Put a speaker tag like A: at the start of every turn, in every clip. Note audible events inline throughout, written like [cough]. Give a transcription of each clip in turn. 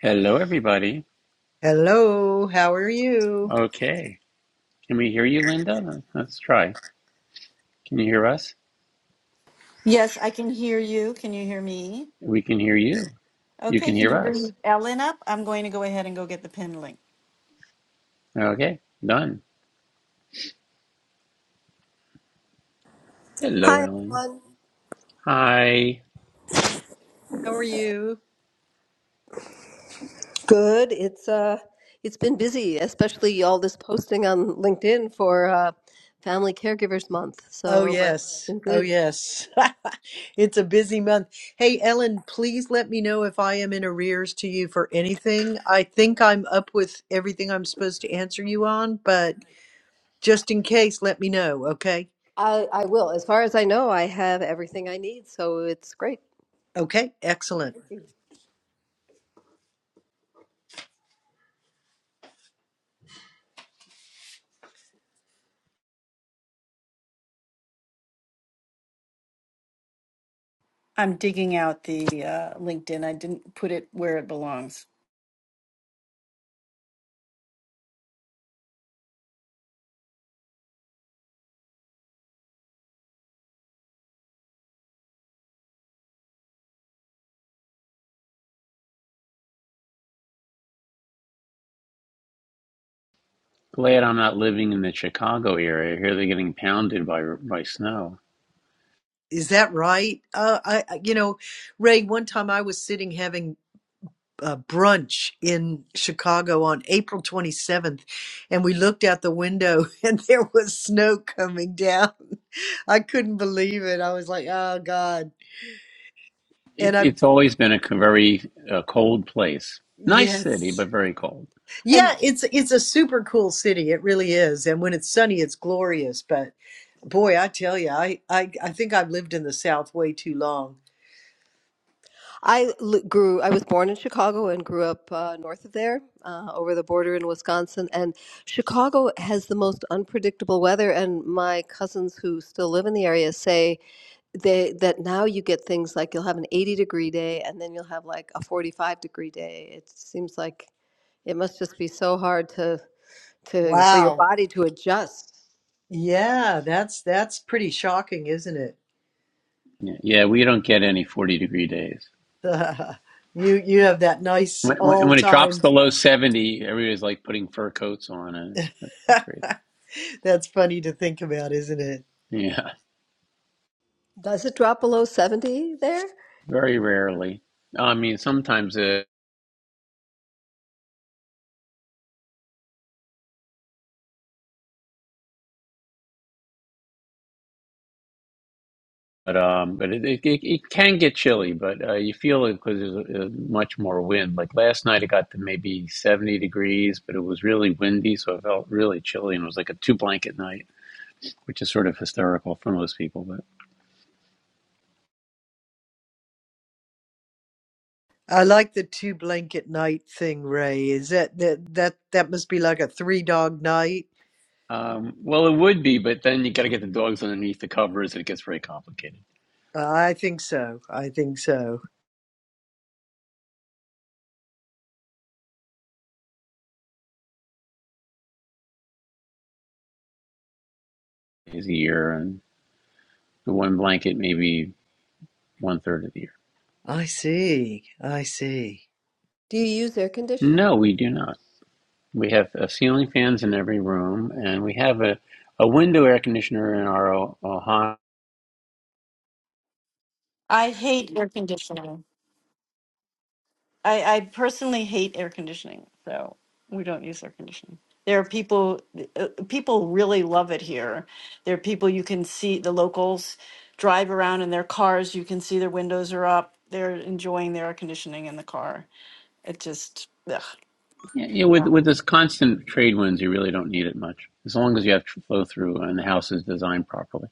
A: Hello, everybody.
B: Hello, how are you?
A: Okay. Can we hear you, Linda? Let's try. Can you hear us?
C: Yes, I can hear you. Can you hear me?
A: We can hear you. You
C: Okay,
A: can
C: can
A: hear
C: you
A: us.
C: bring Ellen up? I'm going to go ahead and go get the pin link.
A: Okay. Done. Hello,
D: Hi
A: Ellen.
D: everyone.
A: Hi.
B: How are you?
D: Good. It's uh it's been busy, especially all this posting on LinkedIn for uh Family Caregivers Month.
B: Oh,
D: So, but it's
B: yes.
D: been
B: Oh,
D: good.
B: yes. [laughs] it's a busy month. Hey, Ellen, please let me know if I am in arrears to you for anything. I think I'm up with everything I'm supposed to answer you on, but just in case, let me know, okay?
D: I I will. As far as I know, I have everything I need, so it's great.
B: Okay, excellent.
C: I'm digging out the uh, LinkedIn. I didn't put it where it belongs.
A: Glad I'm not living in the Chicago area. Here they're getting pounded by by snow.
B: Is that right? Uh, I, I- you know, Ray, one time I was sitting having uh, brunch in Chicago on April 27th, and we looked out the window [laughs] and there was snow coming down. I couldn't believe it. I was like, "Oh God!"
A: It,
B: And I,
A: it's always been a very uh, cold place. Nice city,
B: yes,
A: but very cold.
B: yeah,
D: And
B: it's it's a super cool city. It really is. And when it's sunny, it's glorious. But boy, I tell you, I I, I think I've lived in the South way too long.
D: I l- grew I was born in Chicago and grew up uh, north of there, uh, over the border in Wisconsin, and Chicago has the most unpredictable weather and my cousins who still live in the area say they that now you get things like you'll have an 80 degree day and then you'll have like a 45 degree day it seems like it must just be so hard to to for your
B: Wow.
D: body to adjust
B: Yeah, that's that's pretty shocking, isn't it?
A: Yeah, yeah, we don't get any 40 degree days.
B: [laughs] You you have that nice
A: When, when
B: all
A: when it drops
B: time.
A: below 70, everybody's like putting fur coats on, and it's, it's pretty crazy.
B: [laughs] That's funny to think about, isn't it?
A: Yeah.
D: does it drop below 70 there
A: Very rarely. I mean, sometimes it, but um, but it, it, it, it can get chilly, but uh, you feel it because there's uh, much more wind. Like last night, it got to maybe 70 degrees, but it was really windy, so it felt really chilly, and it was like a two blanket night, which is sort of hysterical for most people. But
B: I like the two blanket night thing, Ray. Is that that that that must be like a three dog night?
A: um, well, it would be, but then you got to get the dogs underneath the covers, and it gets very complicated.
B: I think so. I think so.
A: Is a year, and the one blanket maybe one third of the year.
B: I see. I see.
D: do you use air conditioning
A: No, we do not. We have uh, ceiling fans in every room, and we have a, a window air conditioner in our o- Ohana.
C: I hate air conditioning. I, I personally hate air conditioning, so we don't use air conditioning. There are people, uh, people really love it here. There are people you can see, the locals drive around in their cars. You can see their windows are up. They're enjoying their air conditioning in the car. It just, ugh.
A: Yeah, you know, with with this constant trade winds, you really don't need it much, as long as you have flow through and the house is designed properly.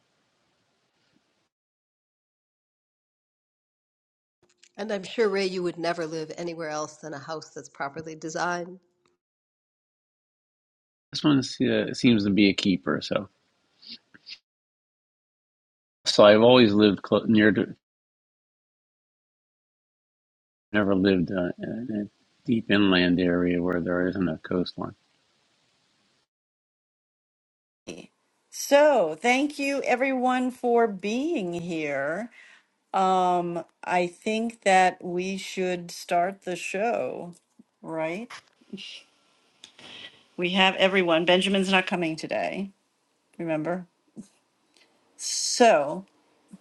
D: and i'm sure ray you would never live anywhere else than a house that's properly designed
A: This one uh, seems to be a keeper. So, so I've always lived clo- near, to, never lived uh, in a deep inland area where there isn't a coastline.
C: So, thank you everyone for being here. Um, I think that we should start the show, right? We have everyone. Benjamin's not coming today, remember? So,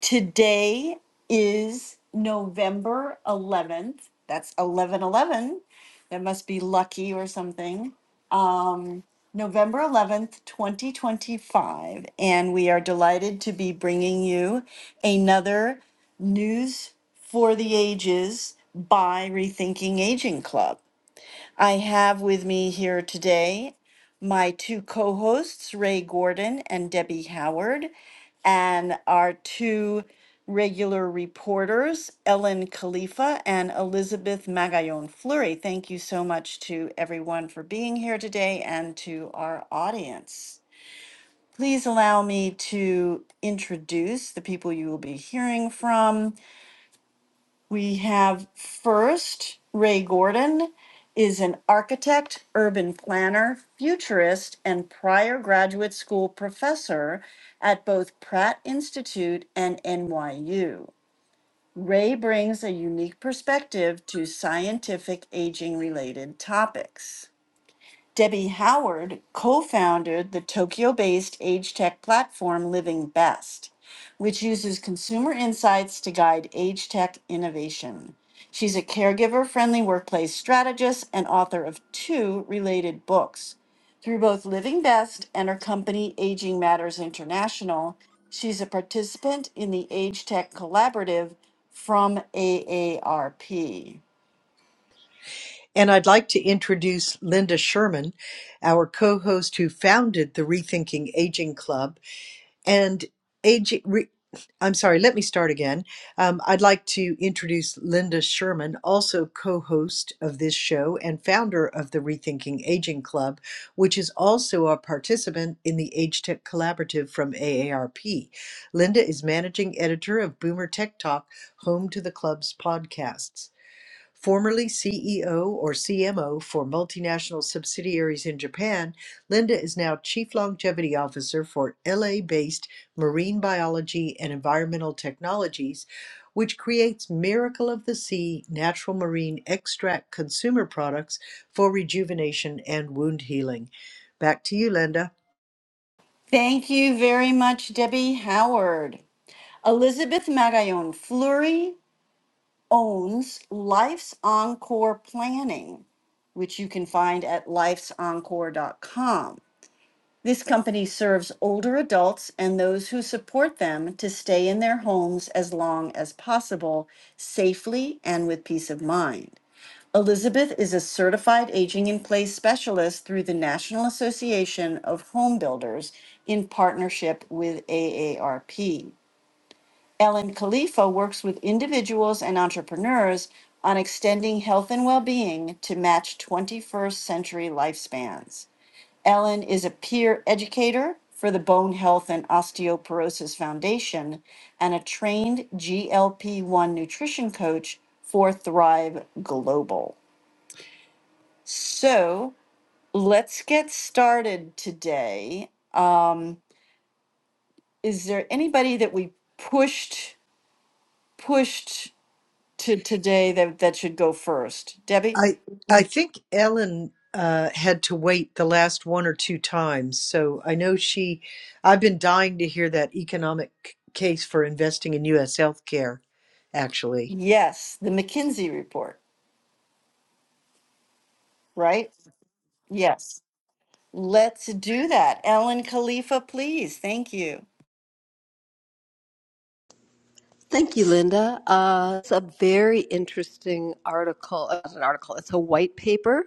C: today is November 11th. That's 11 11. That must be lucky or something. um, November 11th, 2025, and we are delighted to be bringing you another News for the Ages by Rethinking Aging Club. I have with me here today my two co hosts, Ray Gordon and Debbie Howard, and our two regular reporters, Ellen Khalifa and Elizabeth Magallon Fleury. Thank you so much to everyone for being here today and to our audience. Please allow me to introduce the people you will be hearing from. We have first, Ray Gordon is an architect, urban planner, futurist, and prior graduate school professor at both Pratt Institute and NYU. Ray brings a unique perspective to scientific aging related topics. Debbie Howard co founded the Tokyo based age tech platform Living Best, which uses consumer insights to guide age tech innovation. She's a caregiver friendly workplace strategist and author of two related books. Through both Living Best and her company Aging Matters International, she's a participant in the Age Tech Collaborative from AARP.
B: And I'd like to introduce Linda Sherman, our co host who founded the Rethinking Aging Club. And AG, re, I'm sorry, let me start again. Um, I'd like to introduce Linda Sherman, also co host of this show and founder of the Rethinking Aging Club, which is also a participant in the Age Tech Collaborative from AARP. Linda is managing editor of Boomer Tech Talk, home to the club's podcasts. Formerly CEO or CMO for multinational subsidiaries in Japan, Linda is now Chief Longevity Officer for LA based Marine Biology and Environmental Technologies, which creates Miracle of the Sea natural marine extract consumer products for rejuvenation and wound healing. Back to you, Linda.
C: Thank you very much, Debbie Howard. Elizabeth Marayon Fleury owns Life's Encore Planning, which you can find at lifesencore.com. This company serves older adults and those who support them to stay in their homes as long as possible, safely and with peace of mind. Elizabeth is a certified aging in place specialist through the National Association of Home Builders in partnership with AARP. Ellen Khalifa works with individuals and entrepreneurs on extending health and well being to match 21st century lifespans. Ellen is a peer educator for the Bone Health and Osteoporosis Foundation and a trained GLP 1 nutrition coach for Thrive Global. So let's get started today. Um, is there anybody that we pushed? pushed to today that, that should go first. Debbie?
B: I I think Ellen uh, had to wait the last one or two times, so I know she. I've been dying to hear that economic c- case for investing in U.S. healthcare. Actually,
C: Yes, the McKinsey report, right? Yes. Let's do that. Ellen Khalifa, please. Thank you.
D: Thank you, Linda. Uh, it's a very interesting article. uh, It's an article. It's a white paper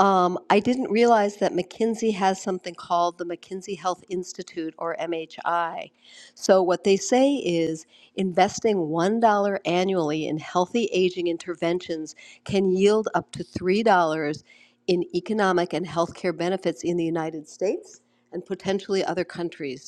D: Um, I didn't realize that McKinsey has something called the McKinsey Health Institute or MHI. So, what they say is investing $1 annually in healthy aging interventions can yield up to $3 in economic and healthcare benefits in the United States and potentially other countries.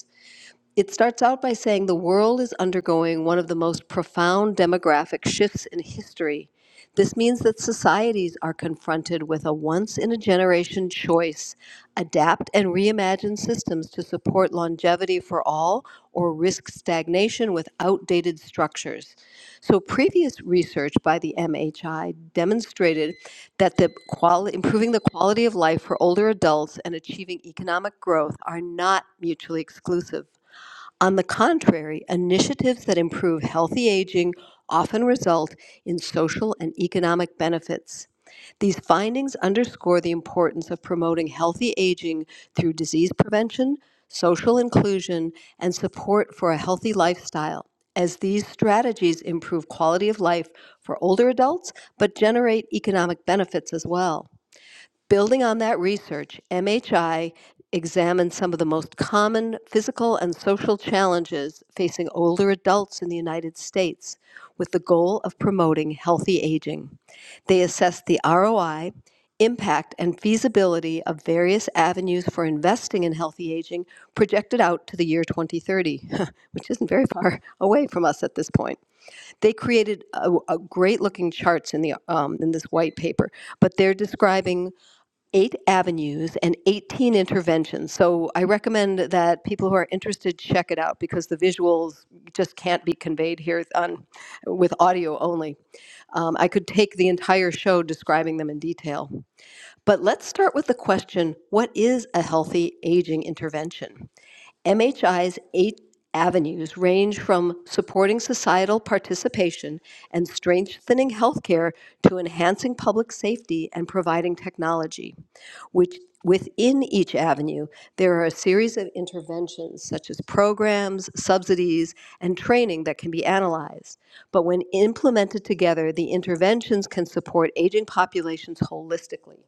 D: It starts out by saying the world is undergoing one of the most profound demographic shifts in history. This means that societies are confronted with a once in a generation choice adapt and reimagine systems to support longevity for all or risk stagnation with outdated structures. So, previous research by the MHI demonstrated that the quali- improving the quality of life for older adults and achieving economic growth are not mutually exclusive. On the contrary, initiatives that improve healthy aging often result in social and economic benefits. These findings underscore the importance of promoting healthy aging through disease prevention, social inclusion, and support for a healthy lifestyle, as these strategies improve quality of life for older adults but generate economic benefits as well. Building on that research, MHI examined some of the most common physical and social challenges facing older adults in the United States with the goal of promoting healthy aging. They assessed the ROI, impact, and feasibility of various avenues for investing in healthy aging projected out to the year 2030, [laughs] which isn't very far [laughs] away from us at this point. They created a, a great looking charts in the um, in this white paper, but they're describing eight avenues and 18 interventions. So I recommend that people who are interested check it out because the visuals just can't be conveyed here on with audio only. Um, I could take the entire show describing them in detail. But let's start with the question what is a healthy aging intervention? MHI's eight avenues range from supporting societal participation and strengthening healthcare to enhancing public safety and providing technology. Which, within each avenue, there are a series of interventions such as programs, subsidies, and training that can be analyzed. But when implemented together, the interventions can support aging populations holistically.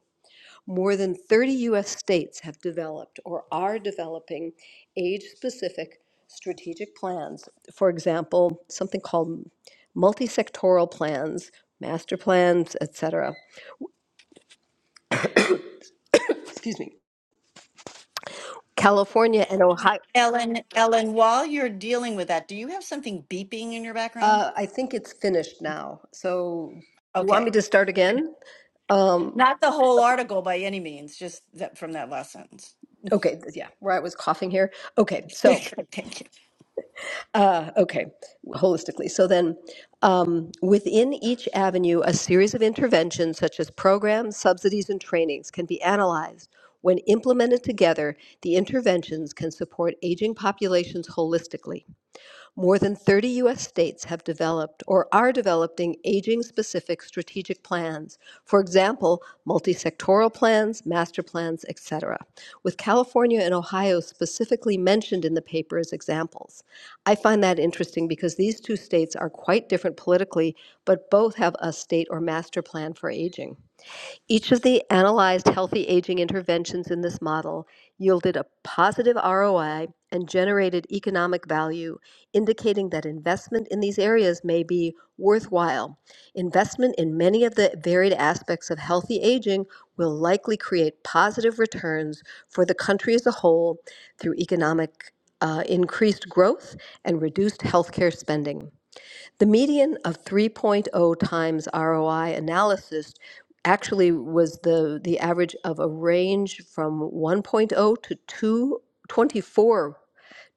D: More than 30 US states have developed or are developing age specific strategic plans. For example, something called multi-sectoral plans, master plans, etc. Excuse me. California and Ohio.
C: Ellen, Ellen, while you're dealing with that, do you have something beeping in your background?
D: Uh, I think it's finished now. So you want me
C: Okay.
D: to start again? Um,
C: Not the whole article by any means, just that from that last sentence.
D: okay, th- yeah, where I was coughing here. Okay,
C: [laughs]
D: so
C: Thank you.
D: Uh, okay, holistically. So then, um, within each avenue, a series of interventions such as programs, subsidies, and trainings can be analyzed. When implemented together, the interventions can support aging populations holistically more than 30 U.S. states have developed or are developing aging specific strategic plans, for example, multi-sectoral plans, master plans, etc., with California and Ohio specifically mentioned in the paper as examples. I find that interesting because these two states are quite different politically, but both have a state or master plan for aging. Each of the analyzed healthy aging interventions in this model yielded a positive ROI and generated economic value, indicating that investment in these areas may be worthwhile. Investment in many of the varied aspects of healthy aging will likely create positive returns for the country as a whole through economic uh, increased growth and reduced healthcare spending. The median of 3.0 times ROI analysis actually was the, the average of a range from 1.0 to 2, 24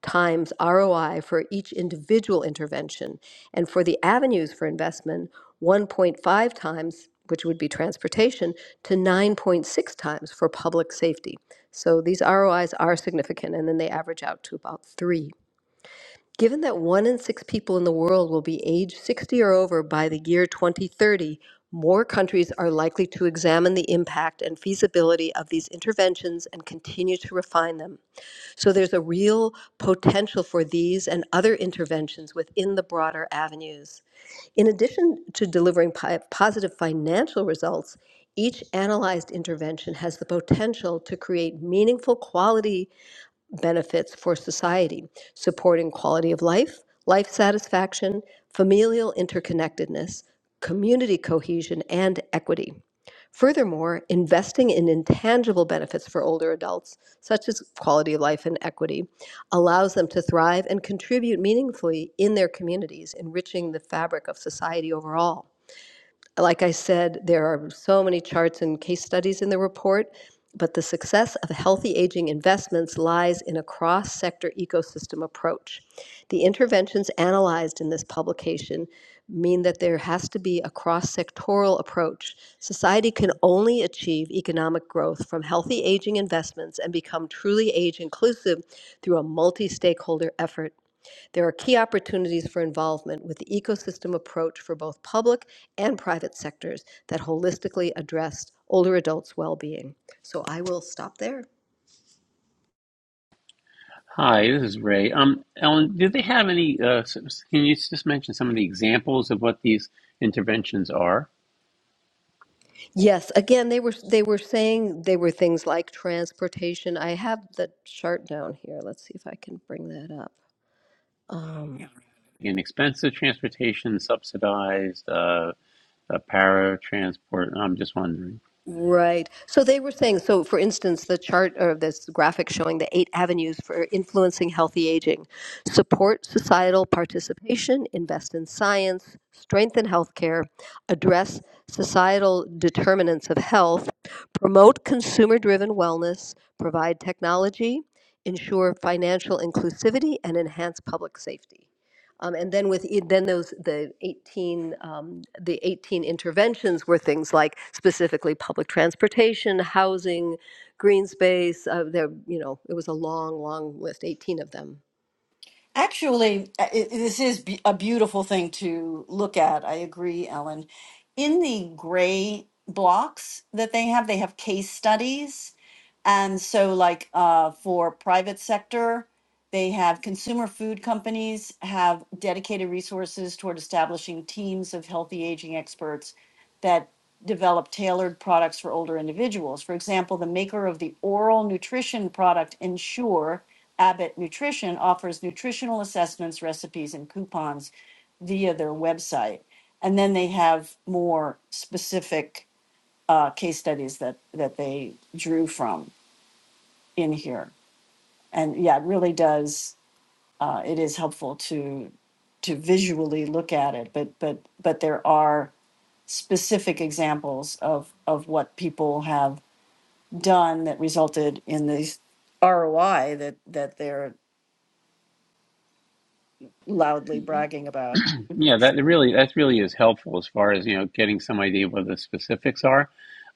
D: times ROI for each individual intervention. And for the avenues for investment, 1.5 times, which would be transportation, to 9.6 times for public safety. So these ROIs are significant, and then they average out to about 3. Given that one in six people in the world will be age 60 or over by the year 2030, more countries are likely to examine the impact and feasibility of these interventions and continue to refine them. So there's a real potential for these and other interventions within the broader avenues. In addition to delivering pi- positive financial results, each analyzed intervention has the potential to create meaningful quality benefits for society, supporting quality of life, life satisfaction, familial interconnectedness, community cohesion, and equity. Furthermore, investing in intangible benefits for older adults, such as quality of life and equity, allows them to thrive and contribute meaningfully in their communities, enriching the fabric of society overall like I said, there are so many charts and case studies in the report, but the success of healthy aging investments lies in a cross sector ecosystem approach. The interventions analyzed in this publication mean that there has to be a cross sectoral approach. Society can only achieve economic growth from healthy aging investments and become truly age inclusive through a multi stakeholder effort. There are key opportunities for involvement with the ecosystem approach for both public and private sectors that holistically address older adults' well-being. So I will stop there.
A: Hi, this is Ray. Um, Ellen, do they have any? Uh, s- s- can you just mention some of the examples of what these interventions are?
D: Yes, again, they were they were saying they were things like transportation. I have the chart down here. Let's see if I can bring that up. Um,
A: inexpensive transportation, subsidized uh, uh, paratransport? I'm just wondering.
D: Right. So they were saying, so for instance, the chart or this graphic showing the eight avenues for influencing healthy aging support societal participation, invest in science, strengthen healthcare, address societal determinants of health, promote consumer driven wellness, provide technology, ensure financial inclusivity, and enhance public safety. Um, and then with e- then those the 18 um, the 18 interventions were things like specifically public transportation, housing, green space. Uh, there you know it was a long long list, 18 of them.
C: Actually, uh, it, this is be- a beautiful thing to look at. I agree, Ellen. In the gray blocks that they have, they have case studies and so like uh, for private sector, they have consumer food companies have dedicated resources toward establishing teams of healthy aging experts that develop tailored products for older individuals. For example, the maker of the oral nutrition product Ensure, Abbott Nutrition, offers nutritional assessments, recipes, and coupons via their website. And then they have more specific uh, case studies that, that they drew from in here. And yeah, it really does. Uh, it is helpful to to visually look at it, but but but there are specific examples of of what people have done that resulted in these ROI that that they're loudly bragging about.
A: Um, Yeah, that really that really is helpful as far as you know getting some idea of what the specifics are.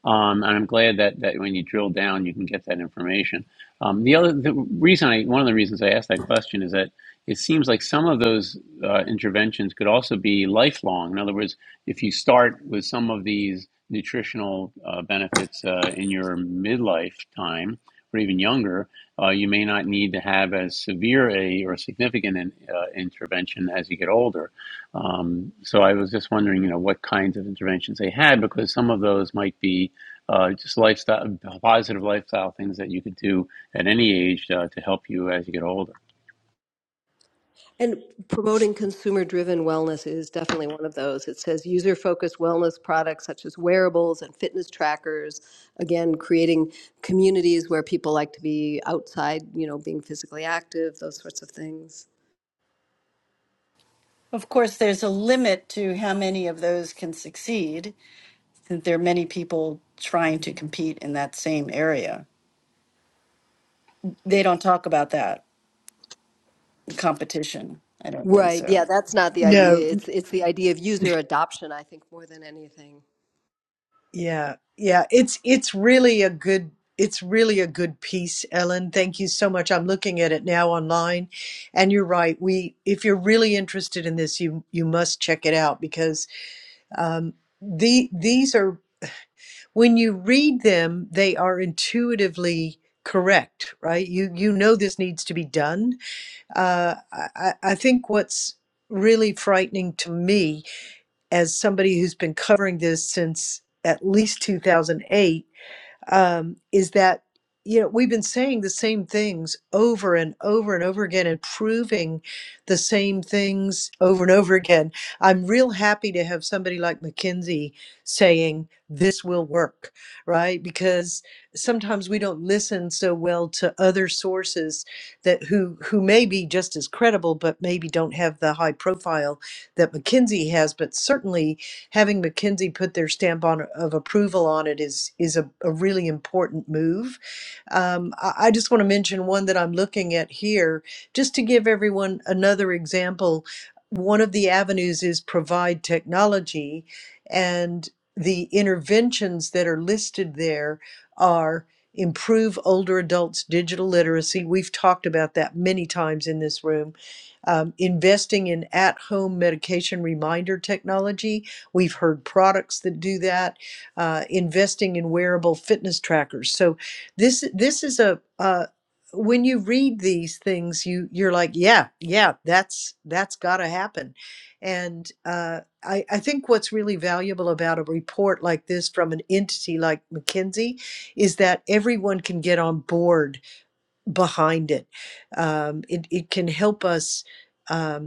A: Um, and I'm glad that that when you drill down, you can get that information. Um, the other the reason I one of the reasons I asked that question is that it seems like some of those uh, interventions could also be lifelong. In other words, if you start with some of these nutritional uh, benefits uh, in your midlife time or even younger, uh, you may not need to have as severe a or significant an, uh, intervention as you get older. Um, so I was just wondering, you know, what kinds of interventions they had because some of those might be uh, just lifestyle, positive lifestyle things that you could do at any age uh, to help you as you get older.
D: And promoting consumer driven wellness is definitely one of those. It says user focused wellness products such as wearables and fitness trackers. Again, creating communities where people like to be outside, you know, being physically active, those sorts of things.
C: Of course, there's a limit to how many of those can succeed. since There are many people trying to compete in that same area. They don't talk about that competition. I don't think
D: Right.
C: so.
D: Yeah, that's not the
B: no,
D: idea. It's it's the idea of user adoption, I think, more than anything.
B: yeah, yeah, it's it's really a good. It's really a good piece, Ellen. Thank you so much. I'm looking at it now online, and you're right. We, if you're really interested in this, you you must check it out because um, the these are when you read them they are intuitively correct right you you know this needs to be done uh, I, I I think what's really frightening to me as somebody who's been covering this since at least 2008 um, is that you know we've been saying the same things over and over and over again and proving the same things over and over again i'm real happy to have somebody like mckinsey saying this will work right because sometimes we don't listen so well to other sources that who who may be just as credible but maybe don't have the high profile that mckinsey has but certainly having McKinsey put their stamp on of approval on it is is a, a really important move. Um, I, I just want to mention one that I'm looking at here, just to give everyone another example. One of the avenues is provide technology, and the interventions that are listed there are improve older adults' digital literacy. We've talked about that many times in this room. Um, investing in at home medication reminder technology, We've heard products that do that, uh, investing in wearable fitness trackers. So this this is a uh, when you read these things, you you're like, yeah, yeah, that's that's got to happen. And uh, I, I think what's really valuable about a report like this from an entity like McKinsey is that everyone can get on board behind it. Um, it, it can help us. Um,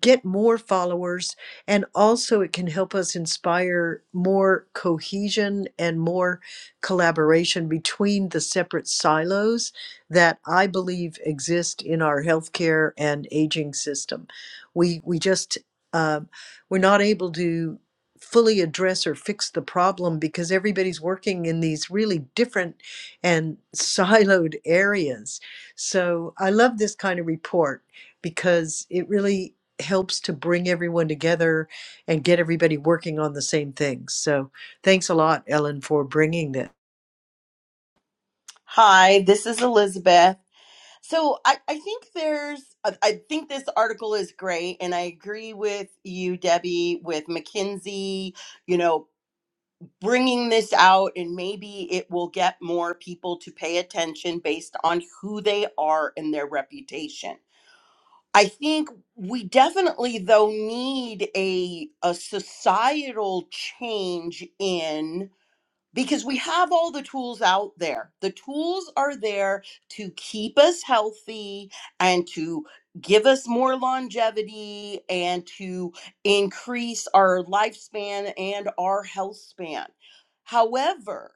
B: get more followers and also it can help us inspire more cohesion and more collaboration between the separate silos that I believe exist in our healthcare and aging system. We we just uh, we're not able to fully address or fix the problem because everybody's working in these really different and [laughs] siloed areas. So I love this kind of report because it really helps to bring everyone together and get everybody working on the same things. So thanks a lot, Ellen, for bringing that.
E: Hi, this is Elizabeth. So I, I think there's, I I think this article is great, and I agree with you, Debbie, with McKinsey, you know, bringing this out, and maybe it will get more people to pay attention based on who they are and their reputation. I think we definitely, though, need a, a societal change in because we have all the tools out there. The tools are there to keep us healthy and to give us more longevity and to increase our lifespan and our health span. However,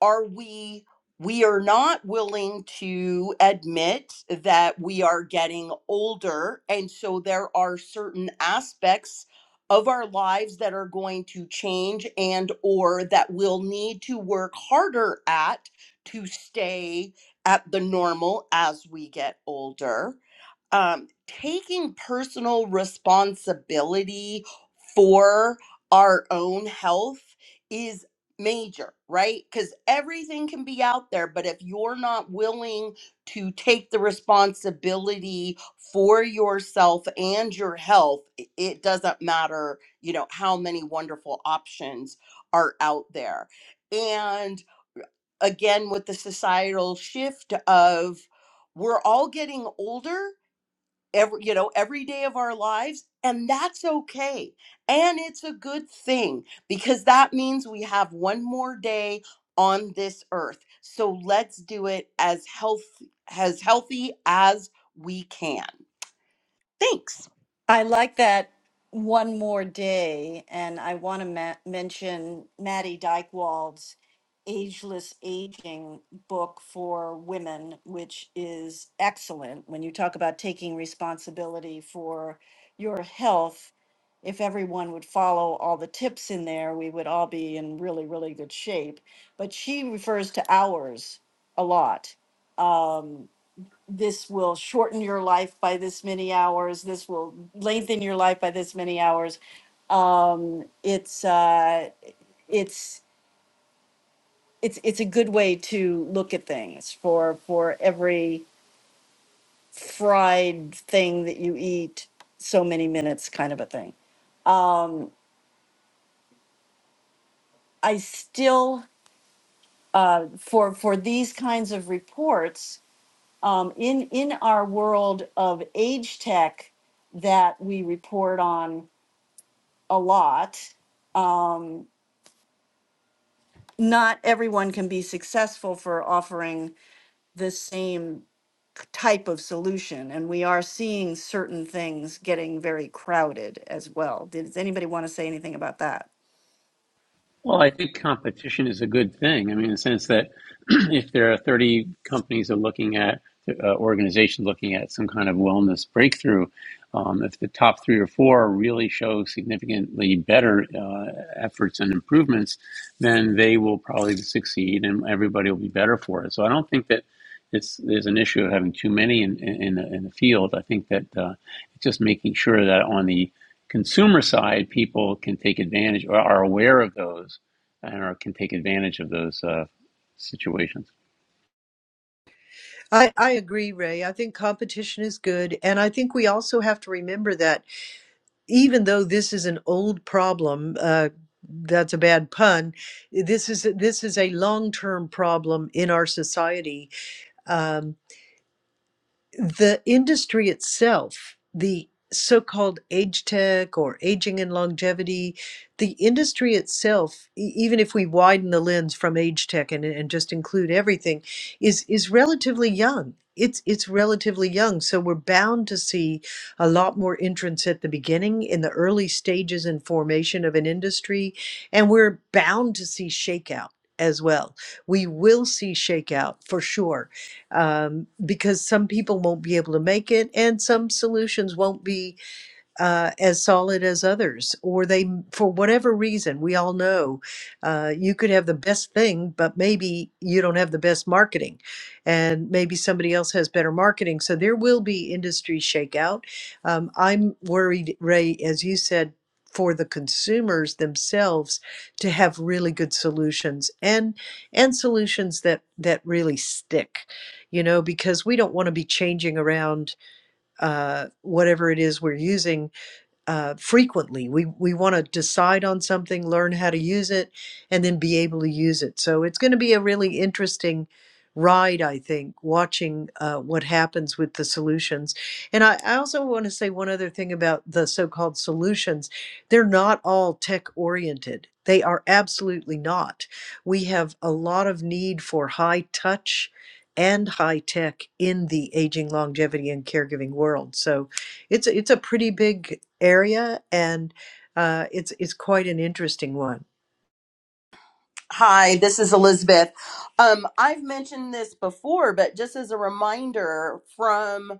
E: are we we are not willing to admit that we are getting older and so there are certain aspects of our lives that are going to change and or that we'll need to work harder at to stay at the normal as we get older um, taking personal responsibility for our own health is major, right? Because everything can be out there, but if you're not willing to take the responsibility for yourself and your health, i- it doesn't matter, you know, how many wonderful options are out there. And again, with the societal shift of we're all getting older every you know every day of our lives and that's okay and it's a good thing because that means we have one more day on this earth so let's do it as health as healthy as we can thanks
C: I like that one more day, and I want to ma- mention Maddie Dykewald's Ageless Aging book for women, which is excellent. When you talk about taking responsibility for your health, if everyone would follow all the tips in there, we would all be in really, really good shape. But she refers to hours a lot um, this will shorten your life by this many hours this will lengthen your life by this many hours um, it's uh, it's it's it's a good way to look at things for for every fried thing that you eat so many minutes kind of a thing um, I still uh, for for these kinds of reports um, in in our world of age tech that we report on. a lot. Um, not everyone can be successful for offering the same k- type of solution. And we are seeing certain things getting very crowded as well. Does anybody want to say anything about that?
A: Well, I think competition is a good thing. I mean, in the sense that [clears throat] if there are 30 companies that are looking at, uh, organizations looking at some kind of wellness breakthrough, um, if the top three or four really show significantly better uh, efforts and improvements, then they will probably succeed and everybody will be better for it. So I don't think that it's, there's an issue of having too many in, in, in, the, in the field. I think that uh, it's just making sure that on the consumer side, people can take advantage or are aware of those and are, can take advantage of those uh, situations.
B: I, I agree, Ray. I think competition is good. And I think we also have to remember that even though this is an old problem, uh, that's a bad pun. This is this is a long term problem in our society. Um, the industry itself, the so-called age tech or aging and longevity, the industry itself, e- even if we widen the lens from age tech and, and just include everything, is is relatively young. It's it's relatively young, so we're bound to see a lot more entrants at the beginning in the early stages and formation of an industry, and we're bound to see shakeout as well. We will see shakeout for sure um, because some people won't be able to make it and some solutions won't be uh, as solid as others, or they, for whatever reason, we all know uh, you could have the best thing, but maybe you don't have the best marketing, and maybe somebody else has better marketing. So there will be industry shakeout. Um, I'm worried, Ray, as you said. For the consumers themselves to have really good solutions and and solutions that that really stick, you know, because we don't want to be changing around uh, whatever it is we're using uh, frequently. We we want to decide on something, learn how to use it, and then be able to use it. So it's going to be a really interesting ride, I think, watching uh, what happens with the solutions. And I, I also want to say one other thing about the so-called solutions. They're not all tech oriented. They are absolutely not. We have a lot of need for high touch and high tech in the aging, longevity, and caregiving world. So it's it's a pretty big area, and uh, it's it's quite an interesting one.
E: hi this is elizabeth um i've mentioned this before but just as a reminder from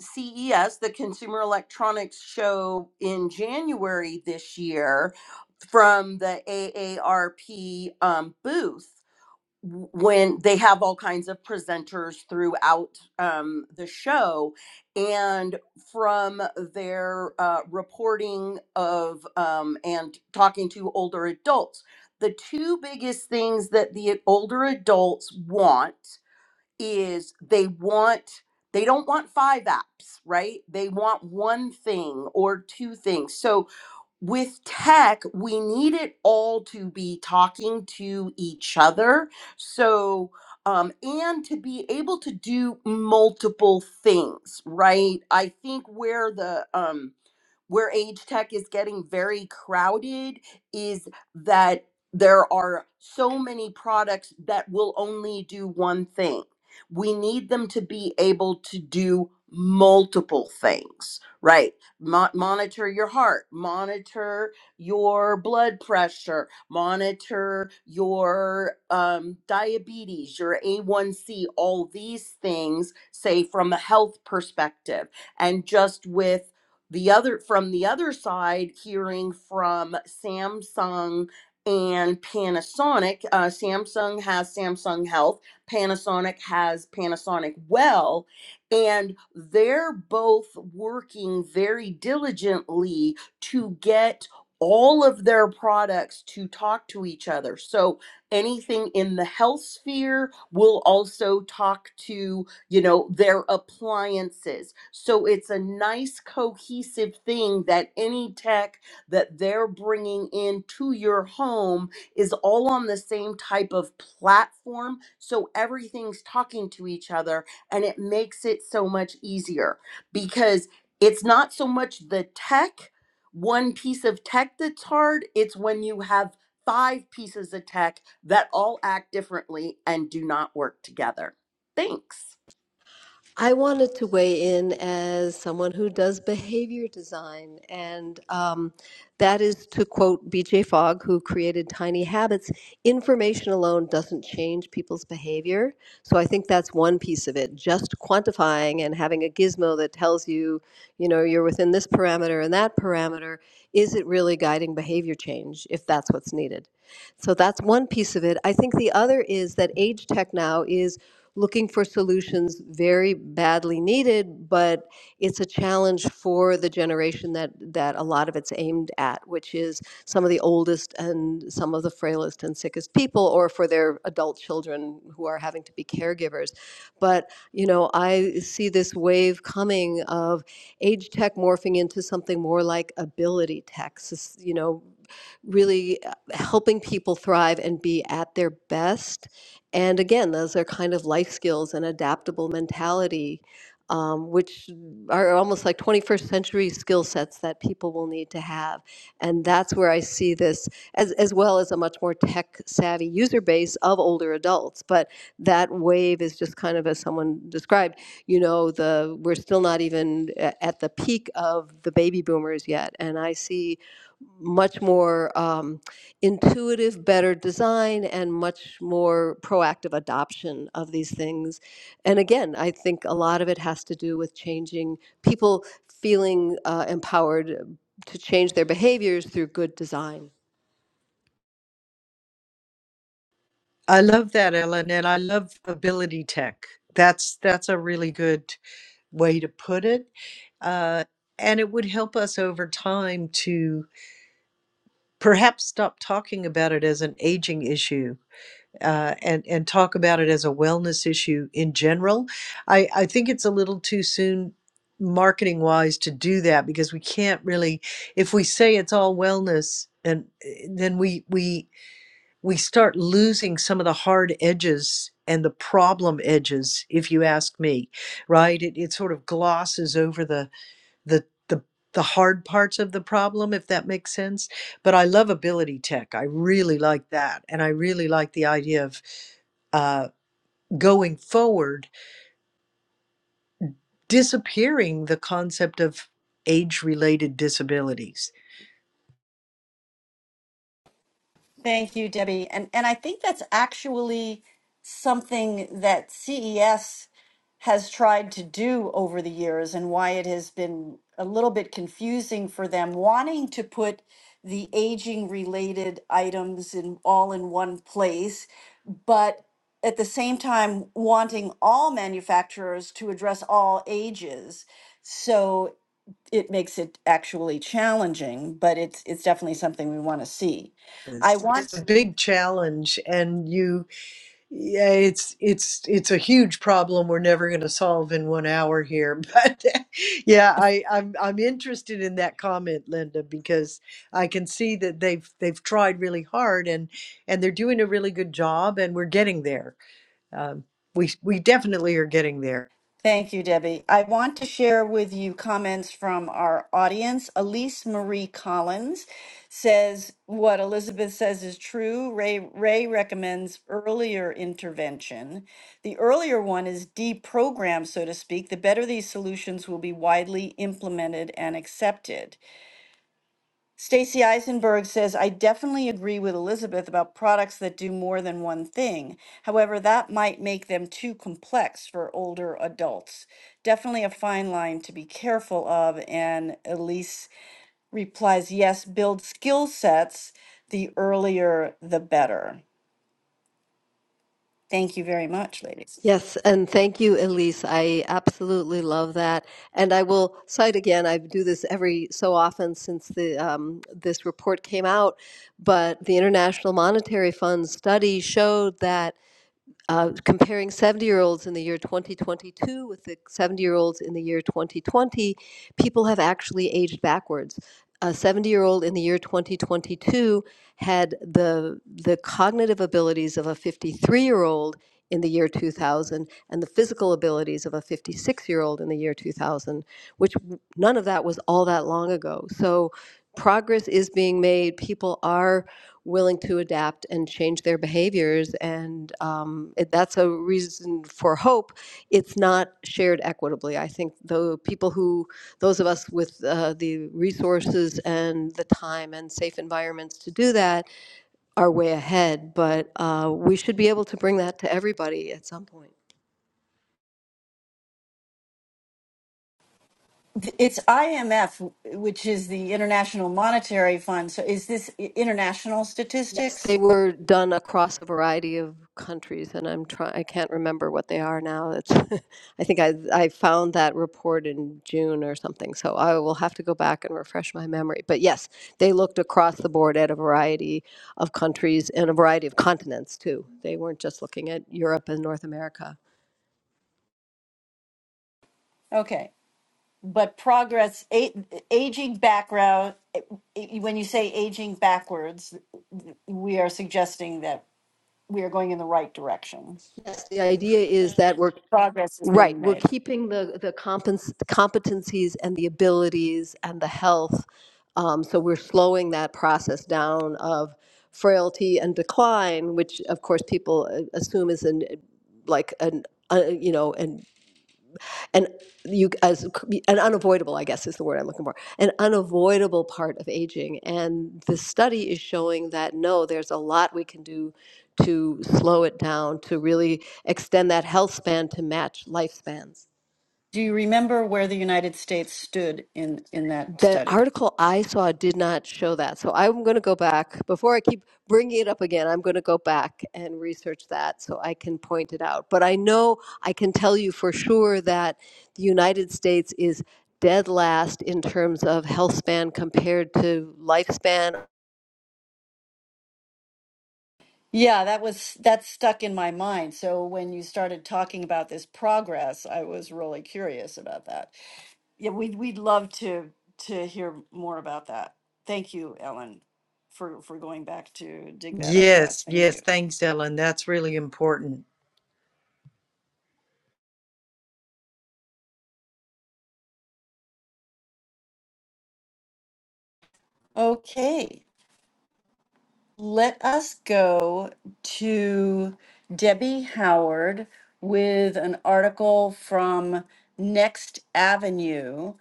E: CES the consumer electronics show in January this year from the AARP um, booth when they have all kinds of presenters throughout um, the show. And from their uh, reporting of um, and talking to older adults, the two biggest things that the older adults want is they want. They don't want five apps, right? They want one thing or two things. So with tech, we need it all to be talking to each other. So, um, and to be able to do multiple things, right? I think where the um, where age tech is getting very crowded is that there are so many products that will only do one thing. We need them to be able to do multiple things, right? Mo- monitor your heart, monitor your blood pressure, monitor your um, diabetes, your A1C, all these things, say from a health perspective. And just with the other from the other side hearing from samsung and panasonic uh, samsung has samsung health panasonic has panasonic well and they're both working very diligently to get all of their products to talk to each other so anything in the health sphere will also talk to you know, their appliances. So it's a nice cohesive thing that any tech that they're bringing into your home is all on the same type of platform. So everything's talking to each other and it makes it so much easier because it's not so much the tech, one piece of tech that's hard, it's when you have five pieces of tech that all act differently and do not work together. Thanks.
D: I wanted to weigh in as someone who does behavior design, and um, that is to quote BJ Fogg, who created Tiny Habits information alone doesn't change people's behavior. So I think that's one piece of it. Just quantifying and having a gizmo that tells you, you know, you're within this parameter and that parameter, is it really guiding behavior change if that's what's needed? So that's one piece of it. I think the other is that age tech now is looking for solutions very badly needed, but it's a challenge for the generation that, that a lot of it's aimed at, which is some of the oldest and some of the frailest and sickest people, or for their adult children who are having to be caregivers. But, you know, I see this wave coming of age tech morphing into something more like ability tech, you know, really uh, helping people thrive and be at their best and again, those are kind of life skills and adaptable mentality, um, which are almost like 21st century skill sets that people will need to have. And that's where I see this, as, as well as a much more tech savvy user base of older adults. But that wave is just kind of, as someone described, you know, the we're still not even a- at the peak of the baby boomers yet. And I see much more. Um, intuitive, better design and much more proactive adoption of these things. And again, I think a lot of it has to do with changing people feeling uh, empowered to change their behaviors through good design.
B: I love that, Ellen, and I love ability tech. That's that's a really good way to put it, uh, and it would help us over time to perhaps stop talking about it as an aging issue uh, and and talk about it as a wellness issue in general. I, I think it's a little too soon marketing wise to do that because we can't really if we say it's all wellness and eh, then we we we start losing some of the hard edges and the problem edges if you ask me right it, it sort of glosses over the the the the hard parts of the problem if that makes sense but i love ability tech i really like that and i really like the idea of uh, going forward disappearing the concept of age related disabilities
C: Thank you, Debbie. And and I think that's actually something that CES has tried to do over the years and why it has been a little bit confusing for them wanting to put the aging related items in all in one place, but at the same time wanting all manufacturers to address all ages. So it makes it actually challenging, but it's it's definitely something we want to see. I
B: it's, it's
C: want
B: a big challenge and you Yeah, it's it's it's a huge problem we're never going to solve in one hour here. [laughs] But yeah, I, I'm I'm interested in that comment, Linda, because I can see that they've they've tried really hard and and they're doing a really good job, and we're getting there. Um, we we definitely are getting there.
C: Thank you, Debbie. I want to share with you comments from our audience. Elise Marie Collins says what Elizabeth says is true. Ray Ray recommends earlier intervention. The earlier one is deprogrammed, so to speak. The better these solutions will be widely implemented and accepted. Stacy Eisenberg says, I definitely agree with Elizabeth about products that do more than one thing. However, that might make them too complex for older adults. Definitely a fine line to be careful of. And Elise replies, Yes, build skill sets. The earlier, the better. Thank you very much, ladies.
D: Yes, and thank you, Elise. I absolutely love that. And I will cite again, I do this every so often since the, um, this report came out, but the International Monetary Fund study showed that uh, comparing 70-year-olds in the year 2022 with the 70-year-olds in the year 2020, people have actually aged backwards. A 70-year-old in the year 2022 had the the cognitive abilities of a 53-year-old in the year 2000 and the physical abilities of a 56-year-old in the year 2000, which none of that was all that long ago. So progress is being made. People are willing to adapt and change their behaviors. And um, it, that's a reason for hope. It's not shared equitably. I think the people who, those of us with uh, the resources and the time and safe environments to do that, are way ahead. But uh, we should be able to bring that to everybody at some point.
C: Th- It's IMF, which is the International Monetary Fund. So is this i- international
D: Yes, they
C: statistics?
D: were done across a variety of countries, and I'm trying, I can't remember what they are now. It's, [laughs] I think I, I found that report in June or something, so I will have to go back and refresh my memory. But yes, they looked across the board at a variety of countries and a variety of continents too. They weren't just looking at Europe and North America.
C: Okay. but progress a, aging background when you say aging backwards we are suggesting that we are going in the right direction
D: Yes, the idea is that we're
C: progress is being
D: Right, we're
C: made
D: keeping the, the compens- competencies and the abilities and the health. Um, so we're slowing that process down of frailty and decline, which of course people uh, assume is an, like an, uh, you know, an, an, you, as, an unavoidable, I guess is the word I'm looking for, an unavoidable part of aging. And the study is showing that no, there's a lot we can do to slow it down, to really extend that health span to match lifespans.
C: do you remember where the united states stood in in that
D: The
C: study
D: article I saw did not show that. So I'm going to go back. Before I keep bringing it up again, I'm going to go back and research that so I can point it out. But I know I can tell you for sure that the United States is dead last in terms of health span compared to lifespan.
C: yeah that was that stuck in my mind so when you started talking about this progress i was really curious about that yeah we'd, we'd love to to hear more about that thank you ellen for for going back to dig that up for us
B: Yes,
C: thank
B: yes.
C: you
B: Thanks, Ellen. That's really important.
C: Okay, let us go to Debbie Howard with an article from Next Avenue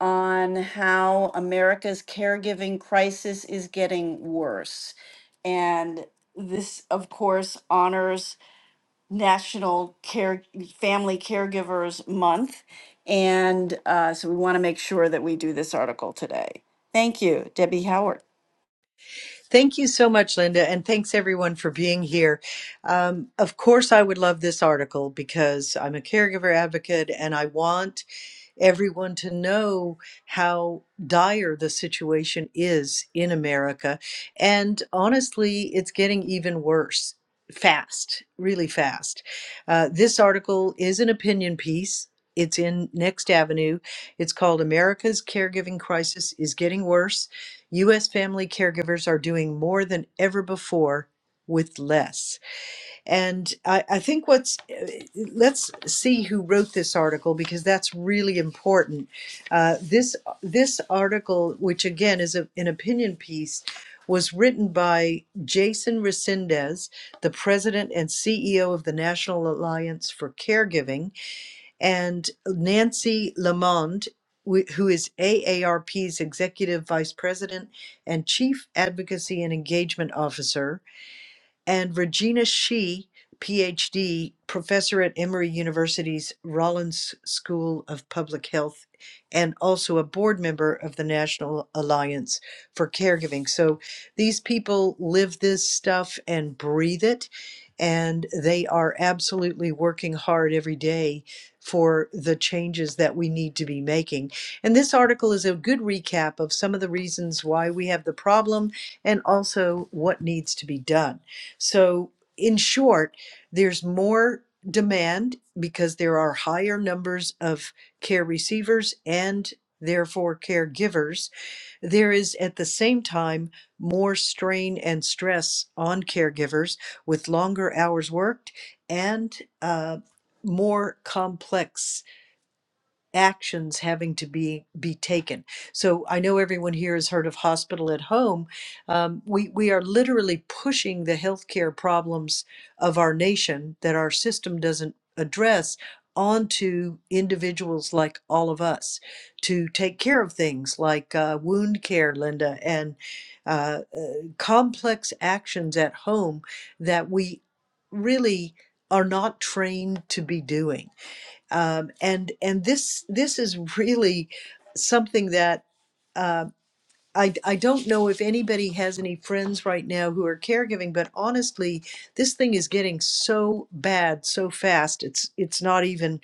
C: on how America's caregiving crisis is getting worse. And this, of course, honors National Care Family Caregivers Month. And uh, so we want to make sure that we do this article today. Thank you, Debbie Howard.
B: Thank you so much, Linda, and thanks everyone for being here. Um, of course, I would love this article because I'm a caregiver advocate and I want everyone to know how dire the situation is in America. And honestly, it's getting even worse fast, really fast. Uh, this article is an opinion piece. It's in Next Avenue. It's called America's Caregiving Crisis is Getting Worse. U.S. family caregivers are doing more than ever before with less. And I, I think what's, uh, let's see who wrote this article because that's really important. Uh, this this article, which again is a, an opinion piece, was written by Jason Resendez, the president and CEO of the National Alliance for Caregiving, and Nancy Lamond, wh- who is AARP's executive vice president and chief advocacy and engagement officer and Regina Shi, PhD, professor at Emory University's Rollins School of Public Health, and also a board member of the National Alliance for Caregiving. So these people live this stuff and breathe it, and they are absolutely working hard every day for the changes that we need to be making. And this article is a good recap of some of the reasons why we have the problem and also what needs to be done. So, in short, there's more demand because there are higher numbers of care receivers and therefore caregivers. There is at the same time more strain and stress on caregivers with longer hours worked and uh, more complex actions having to be be taken. So I know everyone here has heard of hospital at home. Um, we we are literally pushing the healthcare problems of our nation that our system doesn't address onto individuals like all of us to take care of things like uh, wound care, Linda, and uh, uh, complex actions at home that we really are not trained to be doing um, and and this this is really something that uh, I I don't know if anybody has any friends right now who are caregiving, but honestly, this thing is getting so bad so fast. It's it's not even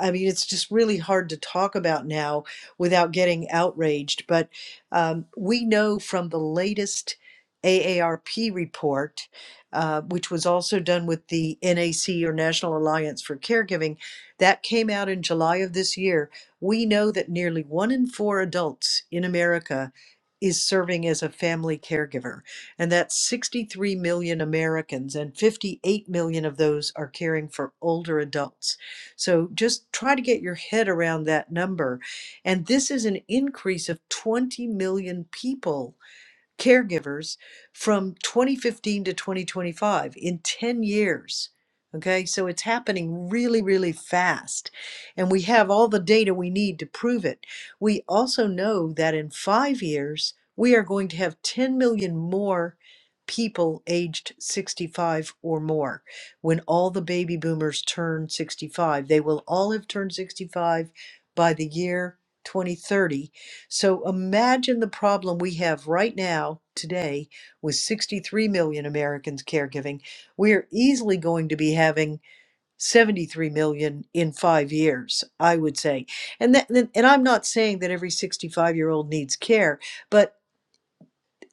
B: I mean, it's just really hard to talk about now without getting outraged. But um, we know from the latest AARP report, uh, which was also done with the NAC or National Alliance for Caregiving, that came out in July of this year. We know that nearly one in four adults in America is serving as a family caregiver, and that's 63 million Americans, and 58 million of those are caring for older adults. So just try to get your head around that number. And this is an increase of 20 million people caregivers from 2015 to 2025 in 10 years. Okay, so it's happening really, really fast. And we have all the data we need to prove it. We also know that in five years, we are going to have 10 million more people aged 65 or more. When all the baby boomers turn 65, they will all have turned 65 by the year 2030 so imagine the problem we have right now, today, with 63 million Americans caregiving. We're easily going to be having 73 million in five years, I would say. And that, and I'm not saying that every 65 year old needs care, but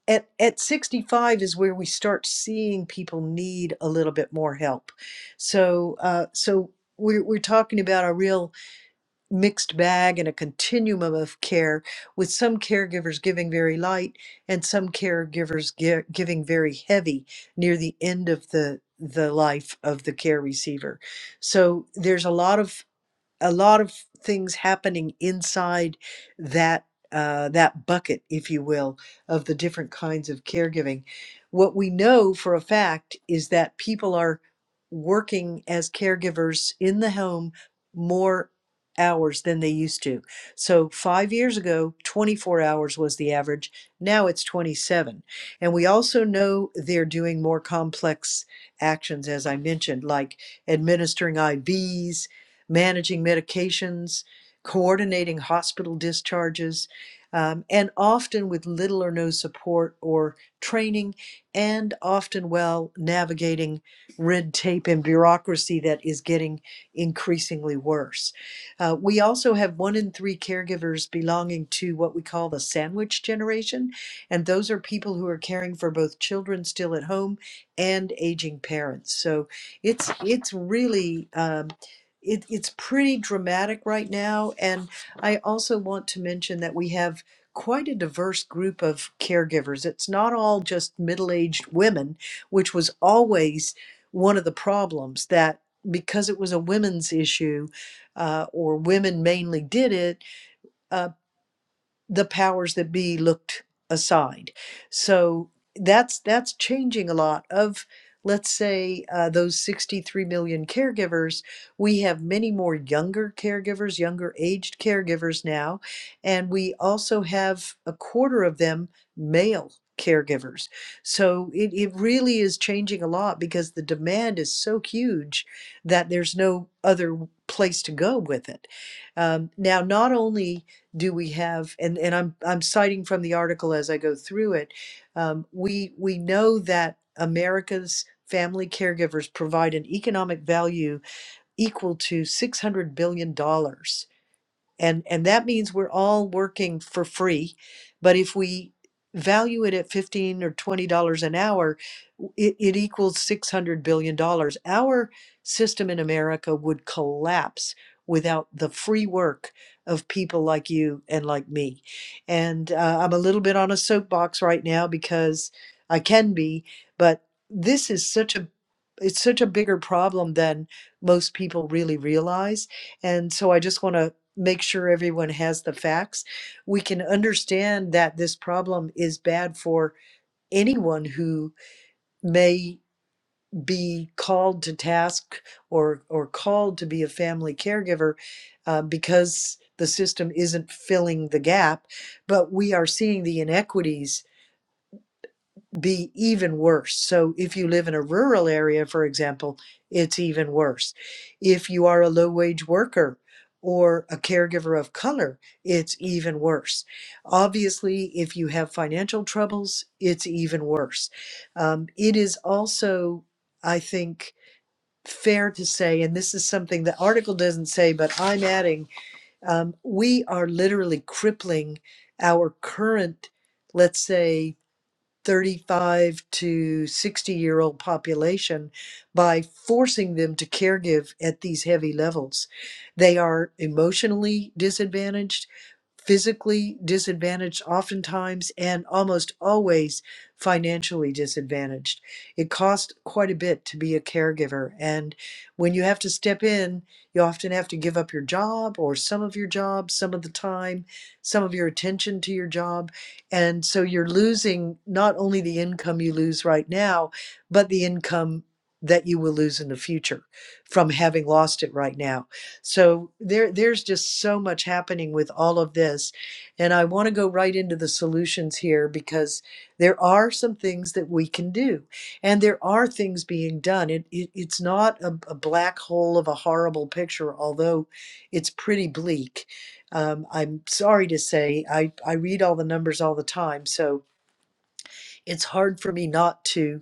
B: at, at 65 is where we start seeing people need a little bit more help. So, uh, so we're, we're talking about a real mixed bag and a continuum of care, with some caregivers giving very light and some caregivers gi- giving very heavy near the end of the the life of the care receiver. So there's a lot of a lot of things happening inside that uh, that bucket, if you will, of the different kinds of caregiving. What we know for a fact is that people are working as caregivers in the home more hours than they used to. So 5 years ago, 24 hours was the average. Now it's 27. And we also know they're doing more complex actions as I mentioned like administering IVs, managing medications, coordinating hospital discharges, um, and often with little or no support or training, and often while navigating red tape and bureaucracy that is getting increasingly worse. Uh, we also have one in three caregivers belonging to what we call the sandwich generation, and those are people who are caring for both children still at home and aging parents. So it's it's really um, it, it's pretty dramatic right now. And I also want to mention that we have quite a diverse group of caregivers. It's not all just middle aged women, which was always one of the problems that because it was a women's issue uh, or women mainly did it, uh, the powers that be looked aside. So that's that's changing a lot of let's say uh, those 63 million caregivers we have many more younger caregivers younger aged caregivers now and we also have a quarter of them male caregivers so it, it really is changing a lot because the demand is so huge that there's no other place to go with it um, now not only do we have and and i'm i'm citing from the article as i go through it um, we we know that america's family caregivers provide an economic value equal to 600 billion dollars and and that means we're all working for free but if we value it at 15 or 20 dollars an hour w- it, it equals 600 billion dollars our system in america would collapse without the free work of people like you and like me and uh, i'm a little bit on a soapbox right now because i can be but this is such a it's such a bigger problem than most people really realize and so I just want to make sure everyone has the facts. We can understand that this problem is bad for anyone who may be called to task or or called to be a family caregiver uh, because the system isn't filling the gap. But we are seeing the inequities be even worse. So, if you live in a rural area, for example, it's even worse. If you are a low wage worker or a caregiver of color, it's even worse. Obviously, if you have financial troubles, it's even worse. Um, it is also, I think, fair to say, and this is something the article doesn't say, but I'm adding, um, we are literally crippling our current, let's say, 35 to 60 year old population by forcing them to caregive at these heavy levels. They are emotionally disadvantaged, physically disadvantaged, oftentimes, and almost always financially disadvantaged. It costs quite a bit to be a caregiver. And when you have to step in, you often have to give up your job or some of your job, some of the time, some of your attention to your job and so you're losing not only the income you lose right now, but the income that you will lose in the future from having lost it right now. So there there's just so much happening with all of this. And I want to go right into the solutions here because there are some things that we can do. And there are things being done. It, it it's not a, a black hole of a horrible picture, although it's pretty bleak um, I'm sorry to say, I, I read all the numbers all the time, so it's hard for me not to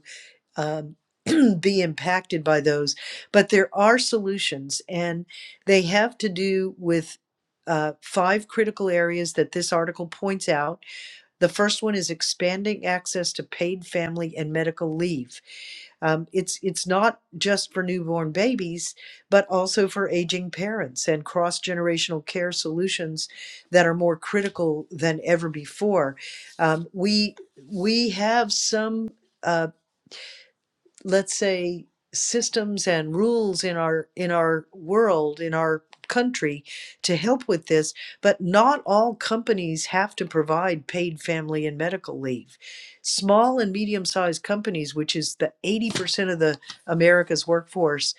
B: um, [clears throat] be impacted by those. But there are solutions, and they have to do with uh, five critical areas that this article points out the first one is expanding access to paid family and medical leave. Um, it's it's not just for newborn babies, but also for aging parents and cross generational care solutions that are more critical than ever before. Um, we we have some. uh, let's say systems and rules in our in our world in our country to help with this but not all companies have to provide paid family and medical leave small and medium sized companies which is the 80% of the america's workforce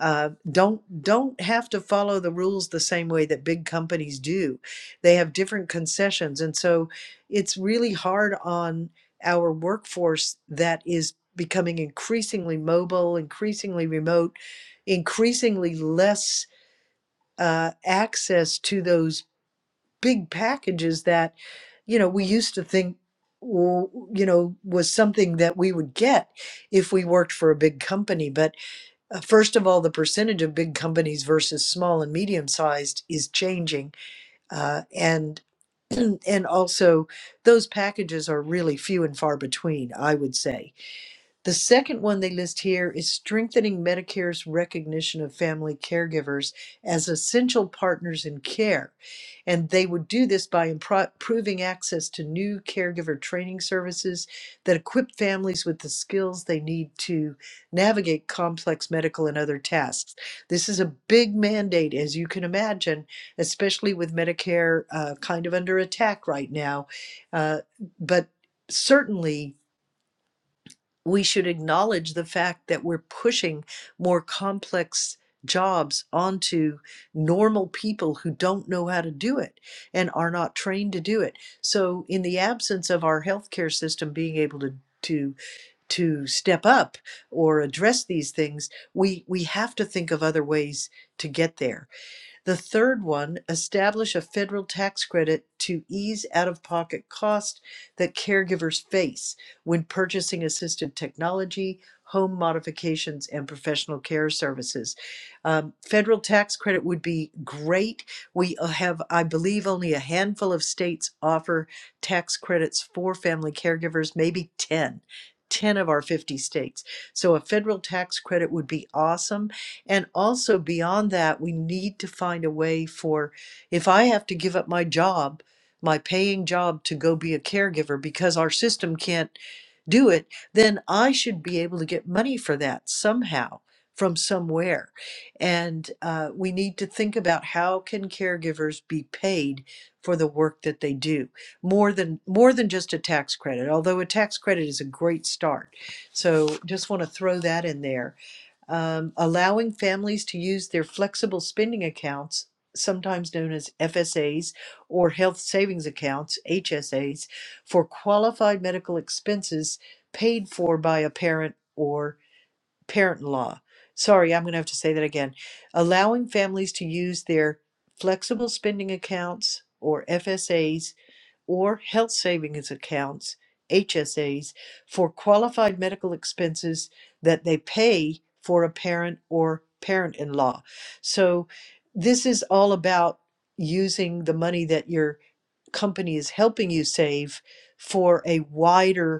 B: uh, don't don't have to follow the rules the same way that big companies do they have different concessions and so it's really hard on our workforce that is becoming increasingly mobile, increasingly remote, increasingly less uh, access to those big packages that, you know, we used to think, you know, was something that we would get if we worked for a big company. But uh, first of all, the percentage of big companies versus small and medium sized is changing, uh, and and also those packages are really few and far between. I would say the second one they list here is strengthening Medicare's recognition of family caregivers as essential partners in care. And they would do this by improving access to new caregiver training services that equip families with the skills they need to navigate complex medical and other tasks. This is a big mandate, as you can imagine, especially with Medicare uh, kind of under attack right now. Uh, but certainly, we should acknowledge the fact that we're pushing more complex jobs onto normal people who don't know how to do it and are not trained to do it. So in the absence of our healthcare system being able to to to step up or address these things, we we have to think of other ways to get there. The third one, establish a federal tax credit to ease out of pocket cost that caregivers face when purchasing assistive technology, home modifications, and professional care services. Um, federal tax credit would be great. We uh, have, I believe, only a handful of states offer tax credits for family caregivers, maybe 10. 10 of our 50 states. So a federal tax credit would be awesome and also beyond that, we need to find a way for if I have to give up my job, my paying job to go be a caregiver because our system can't do it, then I should be able to get money for that somehow from somewhere. And uh, we need to think about how can caregivers be paid for the work that they do more than more than just a tax credit although a tax credit is a great start so just want to throw that in there um, allowing families to use their flexible spending accounts, sometimes known as FSAs or health savings accounts, HSAs, for qualified medical expenses paid for by a parent or parent in law. Sorry, I'm going to have to say that again. Allowing families to use their flexible spending accounts or FSAs or health savings accounts, HSAs, for qualified medical expenses that they pay for a parent or parent in law. So, this is all about using the money that your company is helping you save for a wider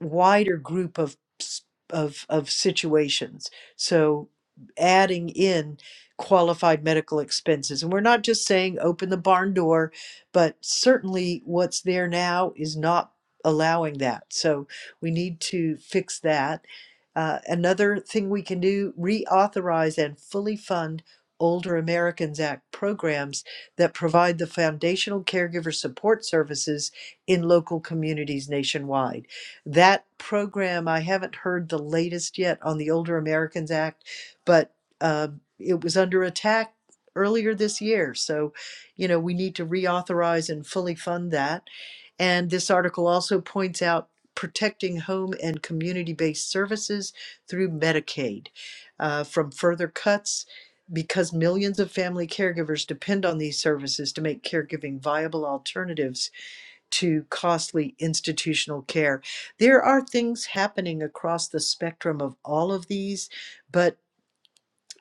B: wider group of s- of of situations. So adding in qualified medical expenses and we're not just saying open the barn door but certainly what's there now is not allowing that so we need to fix that Uh, another thing we can do reauthorize and fully fund older americans act programs that provide the foundational caregiver support services in local communities nationwide that program i haven't heard the latest yet on the older americans act but uh, it was under attack earlier this year so you know we need to reauthorize and fully fund that and this article also points out protecting home and community based services through Medicaid uh, from further cuts because millions of family caregivers depend on these services to make caregiving viable alternatives to costly institutional care. There are things happening across the spectrum of all of these, but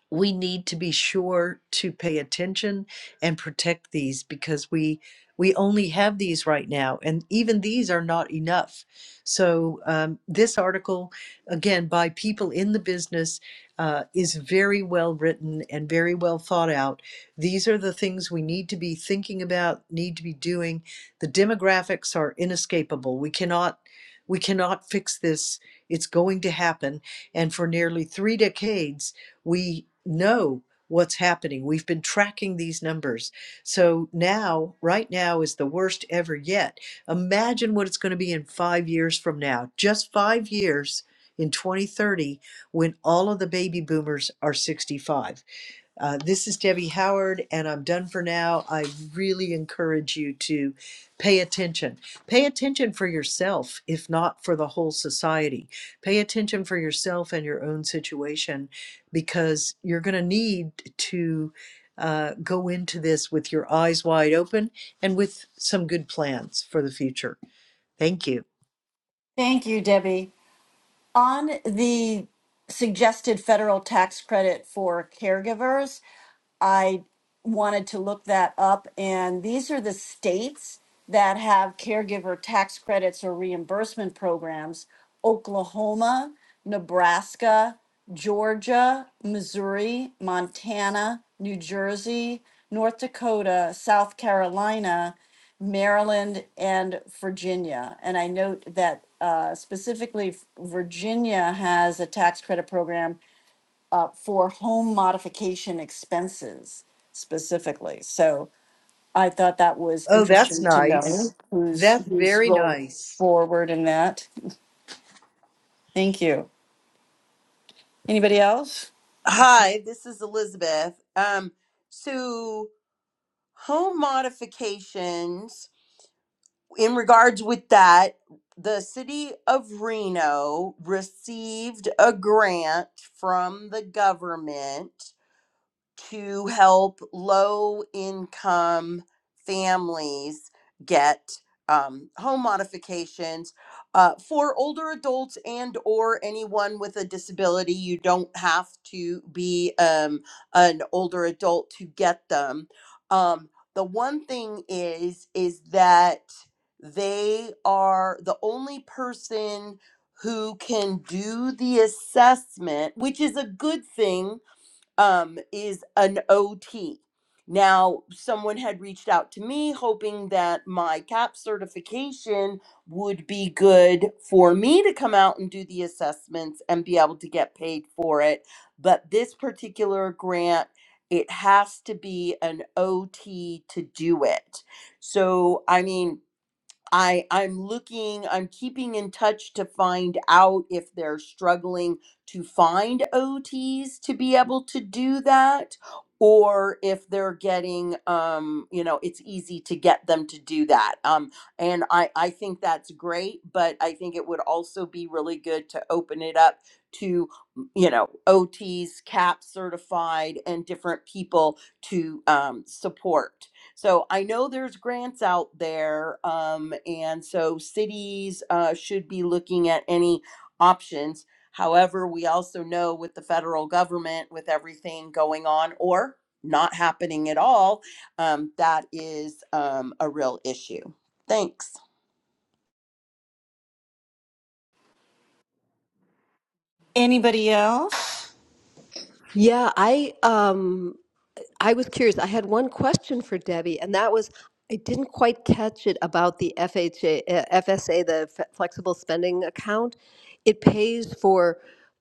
B: we need to be sure to pay attention and protect these because we we only have these right now and even these are not enough so um, this article again by people in the business uh, is very well written and very well thought out these are the things we need to be thinking about need to be doing the demographics are inescapable we cannot we cannot fix this it's going to happen and for nearly three decades we know what's happening. We've been tracking these numbers. So now, right now is the worst ever yet. Imagine what it's going to be in five years from now. Just five years in 2030 when all of the baby boomers are 65. Uh, this is Debbie Howard, and I'm done for now. I really encourage you to pay attention. Pay attention for yourself, if not for the whole society. Pay attention for yourself and your own situation because you're going to need to uh, go into this with your eyes wide open and with some good plans for the future. Thank you.
C: Thank you, Debbie. On the suggested federal tax credit for caregivers, I wanted to look that up. And these are the states that have caregiver tax credits or reimbursement programs Oklahoma, Nebraska, Georgia, Missouri, Montana, New Jersey, North Dakota, South Carolina, Maryland, and Virginia. And I note that uh, specifically, Virginia has a tax credit program uh, for home modification expenses specifically. So I thought that was
B: Oh, that's
C: interesting to
B: nice.
C: know who's
B: That's
C: who's
B: very
C: going
B: nice.
C: forward in that. Thank you. Anybody else?
E: Hi, this is Elizabeth. Um, so home modifications in regards with that, the city of Reno received a grant from the government to help low income families get um, home modifications uh, for older adults and or anyone with a disability you don't have to be um, an older adult to get them um, the one thing is is that they are the only person who can do the assessment which is a good thing um, is an OT. Now, someone had reached out to me hoping that my CAP certification would be good for me to come out and do the assessments and be able to get paid for it. But this particular grant, it has to be an OT to do it. So, I mean, I I'm looking, I'm keeping in touch to find out if they're struggling to find OTs to be able to do that or if they're getting um you know it's easy to get them to do that um and i i think that's great but i think it would also be really good to open it up to you know ots cap certified and different people to um, support so I know there's grants out there, um, and so cities uh, should be looking at any options. However, we also know with the federal government, with everything going on or not happening at all, um, that is um, a real issue. Thanks.
C: Anybody else?
D: Yeah, I um I was curious. I had one question for Debbie, and that was I didn't quite catch it about the FHA, uh, FSA, the F- flexible spending account. It pays for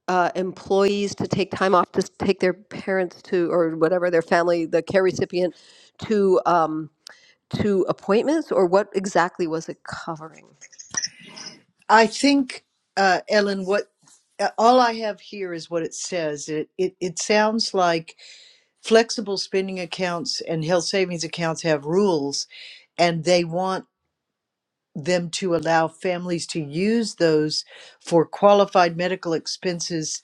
D: uh, employees to take time off to s- take their parents to, or whatever their family, the care recipient, to um, to appointments, or what exactly was it covering?
B: I think, uh, Ellen, what uh, all I have here is what it says. It, it it sounds like flexible spending accounts and health savings accounts have rules, and they want them to allow families to use those for qualified medical expenses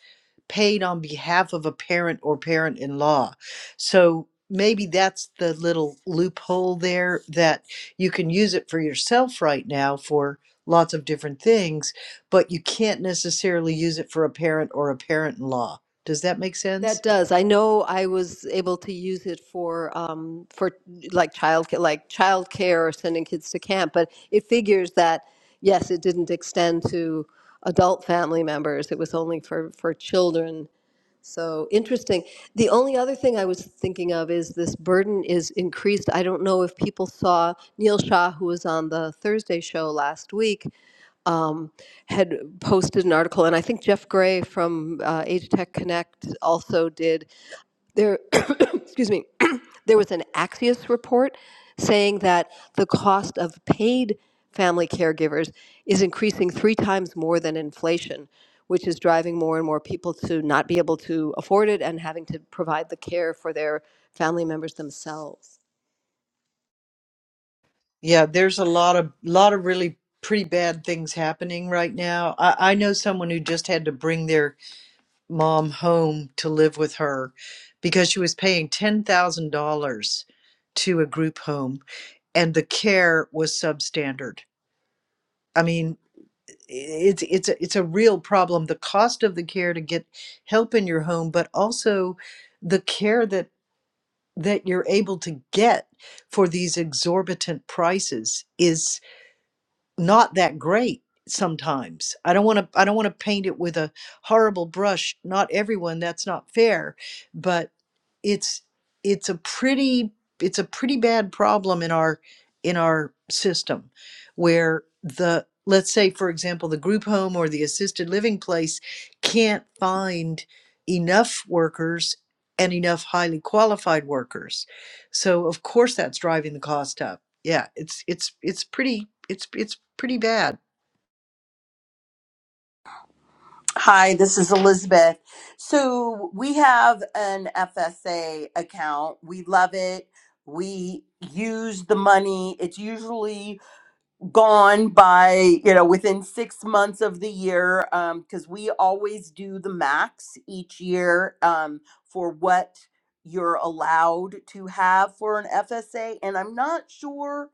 B: paid on behalf of a parent or parent in law. So maybe that's the little loophole there that you can use it for yourself right now for lots of different things, but you can't necessarily use it for a parent or a parent in law. Does that make
D: That
B: sense?
D: does. I know I was able to use it for um, for like child like childcare or sending kids to camp, but it figures that yes, it didn't extend to adult family members. It was only for for children. So interesting. The only other thing I was thinking of is this burden is increased. I don't know if people saw Neil Shah, who was on the Thursday show last week, had posted an article, and I think Jeff Gray from uh, Age Tech Connect also did there [coughs] excuse me [coughs] there was an axios report saying that the cost of paid family caregivers is increasing three times more than inflation which is driving more and more people to not be able to afford it and having to provide the care for their family members themselves
B: Yeah, there's a lot of lot of really pretty bad things happening right now. I, I know someone who just had to bring their mom home to live with her because she was paying $10,000 to a group home and the care was substandard. I mean, it's it's a, it's a real problem the cost of the care to get help in your home but also the care that that you're able to get for these exorbitant prices is not that great sometimes i don't want to i don't want to paint it with a horrible brush not everyone that's not fair but it's it's a pretty it's a pretty bad problem in our in our system where the let's say for example the group home or the assisted living place can't find enough workers and enough highly qualified workers so of course that's driving the cost up. Yeah, it's it's it's pretty it's it's pretty bad.
E: Hi, this is Elizabeth. So we have an FSA account. We love it. We use the money. It's usually gone by you know within six months of the year because we always do the max each year um, for what you're allowed to have for an fsa and i'm not sure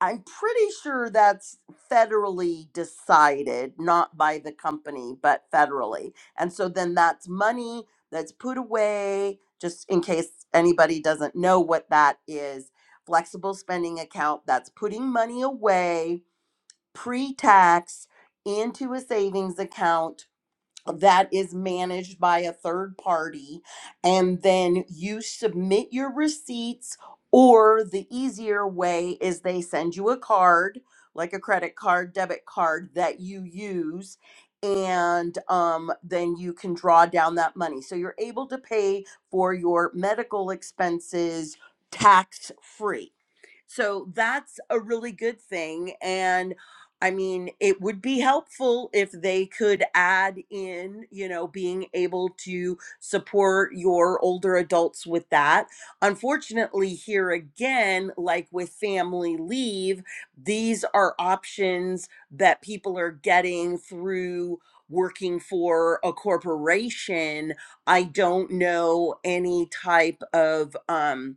E: i'm pretty sure that's federally decided not by the company but federally and so then that's money that's put away just in case anybody doesn't know what that is flexible spending account that's putting money away pre-tax into a savings account that is managed by a third party and then you submit your receipts or the easier way is they send you a card like a credit card debit card that you use and um, then you can draw down that money so you're able to pay for your medical expenses tax free so that's a really good thing. And I mean, it would be helpful if they could add in, you know, being able to support your older adults with that. Unfortunately, here again, like with family leave, these are options that people are getting through working for a corporation. I don't know any type of, um,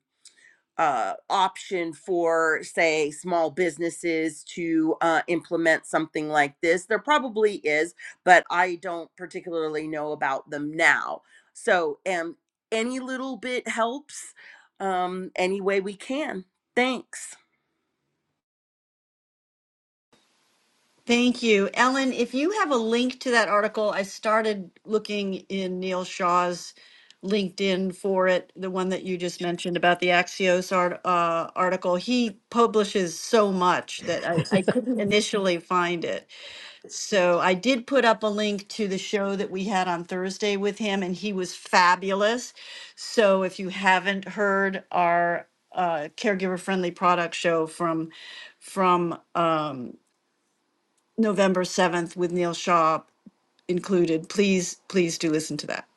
E: uh, option for, say, small businesses to uh, implement something like this. There probably is, but I don't particularly know about them now. So, um, any little bit helps um, any way we can. Thanks.
C: Thank you. Ellen, if you have a link to that article, I started looking in Neil Shaw's LinkedIn for it, the one that you just mentioned about the Axios art, uh, article. He publishes so much that I, I couldn't initially find it. So I did put up a link to the show that we had on Thursday with him, and he was fabulous. So if you haven't heard our uh, caregiver friendly product show from from um, November seventh with Neil Shaw included, please please do listen to that.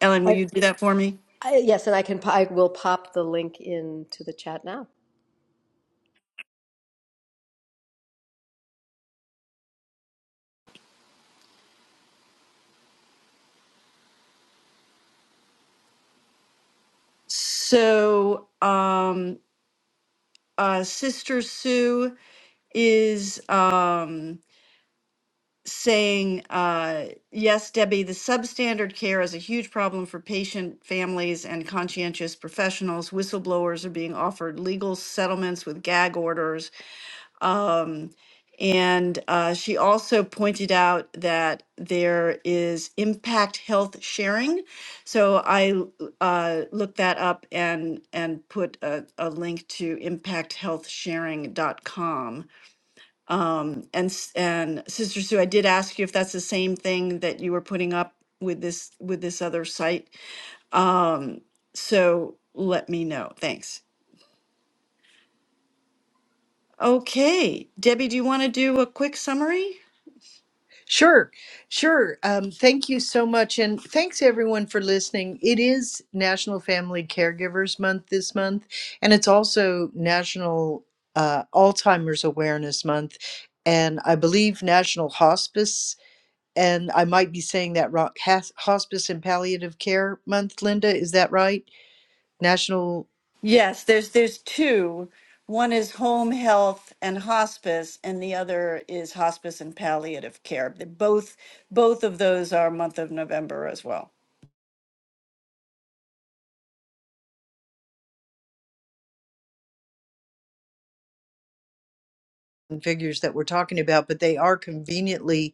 C: Ellen, will
D: And-
C: you do that for me?
D: I, yes and i can i will pop the link into the chat now
C: So um, uh, Sister Sue is. Um, saying, uh, yes, Debbie, the substandard care is a huge problem for patient families and conscientious professionals. Whistleblowers are being offered legal settlements with gag orders. And uh, she also pointed out that there is impact health sharing. So I uh, looked that up and, and put a, a link to Impact Health Sharing dot com. And s- and Sister Sue, I did ask you if that's the same thing that you were putting up with this with this other site. So let me know. Thanks. Okay, Debbie, do you want to do a quick summary?
B: Sure, sure. Um, thank you so much, and thanks everyone for listening. It is National Family Caregivers Month this month, and it's also National uh, Alzheimer's Awareness Month, and I believe National Hospice. And I might be saying that wrong. Has- Hospice and Palliative Care Month, Linda, is that right? National
C: Yes, there's there's two. One is home health and hospice, and the other is hospice and palliative care. They Both both of those are month of November as well.
B: figures that we're talking about, but they are conveniently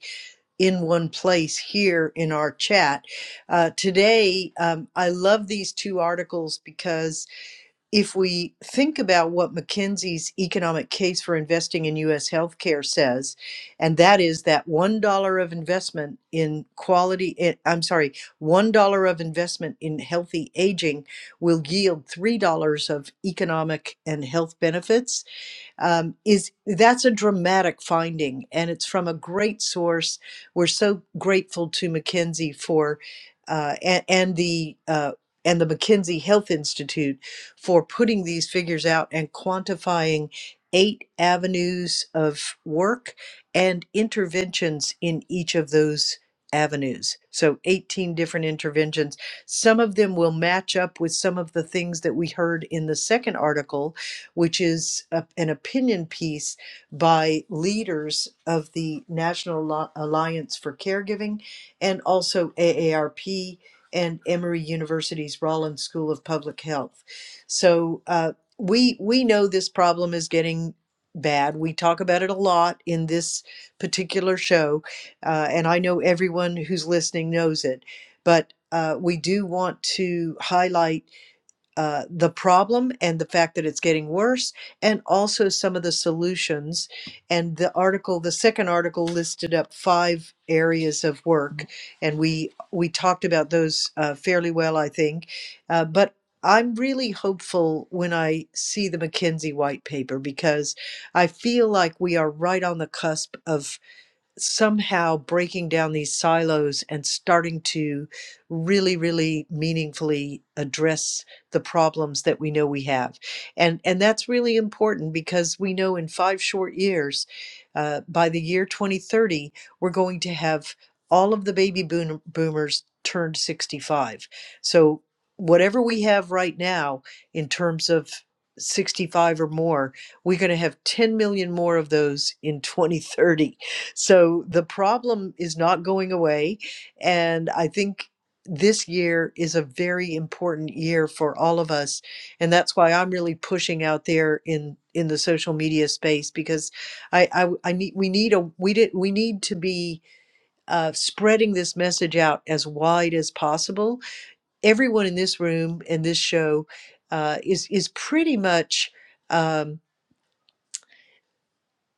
B: in one place here in our chat. Uh, today, um, I love these two articles because if we think about what McKinsey's economic case for investing in U.S. healthcare says, and that is that $1 of investment in quality, eh, I'm sorry, $1 of investment in healthy aging will yield $3 of economic and health benefits um, is that's a dramatic finding and it's from a great source we're so grateful to mckinsey for uh, and, and the uh, and the mckinsey health institute for putting these figures out and quantifying eight avenues of work and interventions in each of those avenues so 18 different interventions some of them will match up with some of the things that we heard in the second article which is a, an opinion piece by leaders of the National Alliance for Caregiving and also AARP and Emory University's Rollins School of Public Health. So uh, we we know this problem is getting bad. We talk about it a lot in this particular show, uh, and I know everyone who's listening knows it. But uh, we do want to highlight uh, the problem and the fact that it's getting worse, and also some of the solutions. And the article, the second article, listed up five areas of work, and we we talked about those uh, fairly well, I think. Uh, but I'm really hopeful when I see the McKinsey white paper because I feel like we are right on the cusp of somehow breaking down these silos and starting to really really meaningfully address the problems that we know we have and and that's really important because we know in five short years uh, by the year 2030 we're going to have all of the baby boom, boomers turned 65 so whatever we have right now in terms of 65 or more we're going to have 10 million more of those in 2030 so the problem is not going away. And I think this year is a very important year for all of us. And that's why I'm really pushing out there in in the social media space because I I, I need we need a we did we need to be uh, spreading this message out as wide as possible. Everyone in this room and this show uh, is is pretty much. um,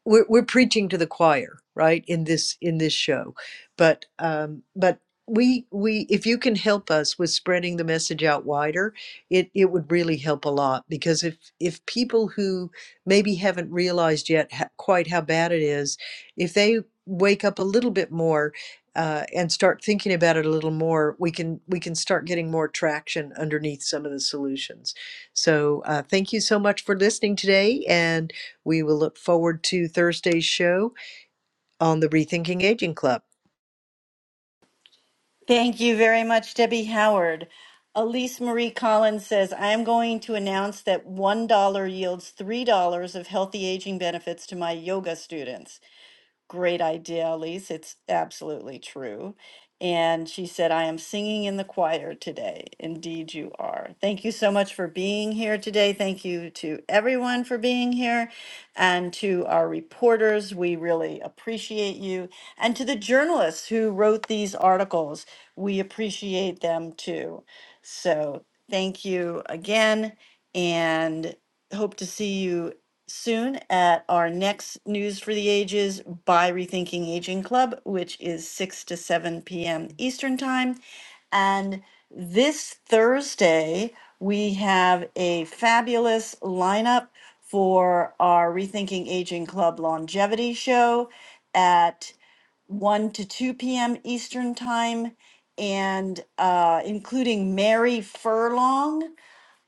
B: we're we're preaching to the choir right in this in this show but um but we we if you can help us with spreading the message out wider it it would really help a lot because if if people who maybe haven't realized yet ha- quite how bad it is if they wake up a little bit more uh, and start thinking about it a little more we can we can start getting more traction underneath some of the solutions so uh, thank you so much for listening today and we will look forward to Thursday's show on the Rethinking Aging Club.
C: Thank you very much, Debbie Howard. Elise Marie Collins says, I am going to announce that $1 yields $3 of healthy aging benefits to my yoga students. Great idea, Elise. It's absolutely true. And she said, I am singing in the choir today. Indeed, you are. Thank you so much for being here today. Thank you to everyone for being here and to our reporters. We really appreciate you. And to the journalists who wrote these articles, we appreciate them too. So thank you again and hope to see you soon at our next News for the Ages by Rethinking Aging Club, which is 6 to 7 p.m. Eastern Time. And this Thursday, we have a fabulous lineup for our Rethinking Aging Club longevity show at 1 to 2 p.m. Eastern Time, and uh, including Mary Furlong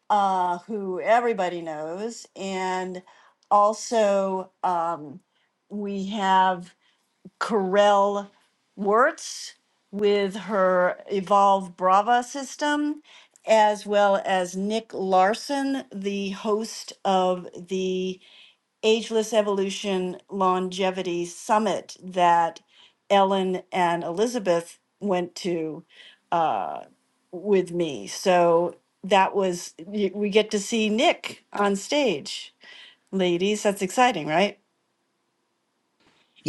C: uh, who everybody knows. And also, um, we have Corel Wirtz with her Evolve Brava system, as well as Nick Larson, the host of the Ageless Evolution Longevity Summit that Ellen and Elizabeth went to uh, with me. So that was, y- we get to see Nick on stage. Ladies, that's exciting, right?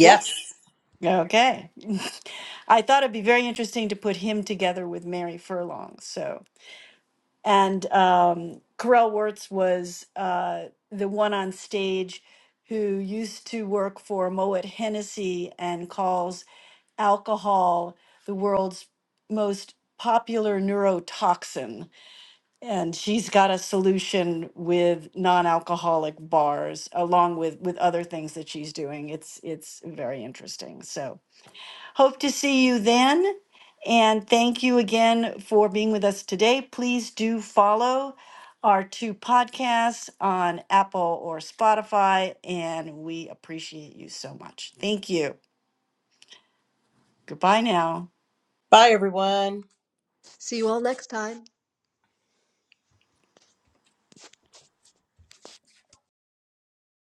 D: yes
C: Okay. [laughs] I thought it'd be very interesting to put him together with Mary Furlong. So and um, Carell Wirtz was uh, the one on stage who used to work for Moet Hennessy and calls alcohol the world's most popular neurotoxin. And she's got a solution with non-alcoholic bars, along with with other things that she's doing. It's it's very interesting. So. Hope to see you then. And thank you again for being with us today. Please do follow our two podcasts on Apple or Spotify, and we appreciate you so much. Thank you. Goodbye now.
E: Bye, everyone.
D: see you all next time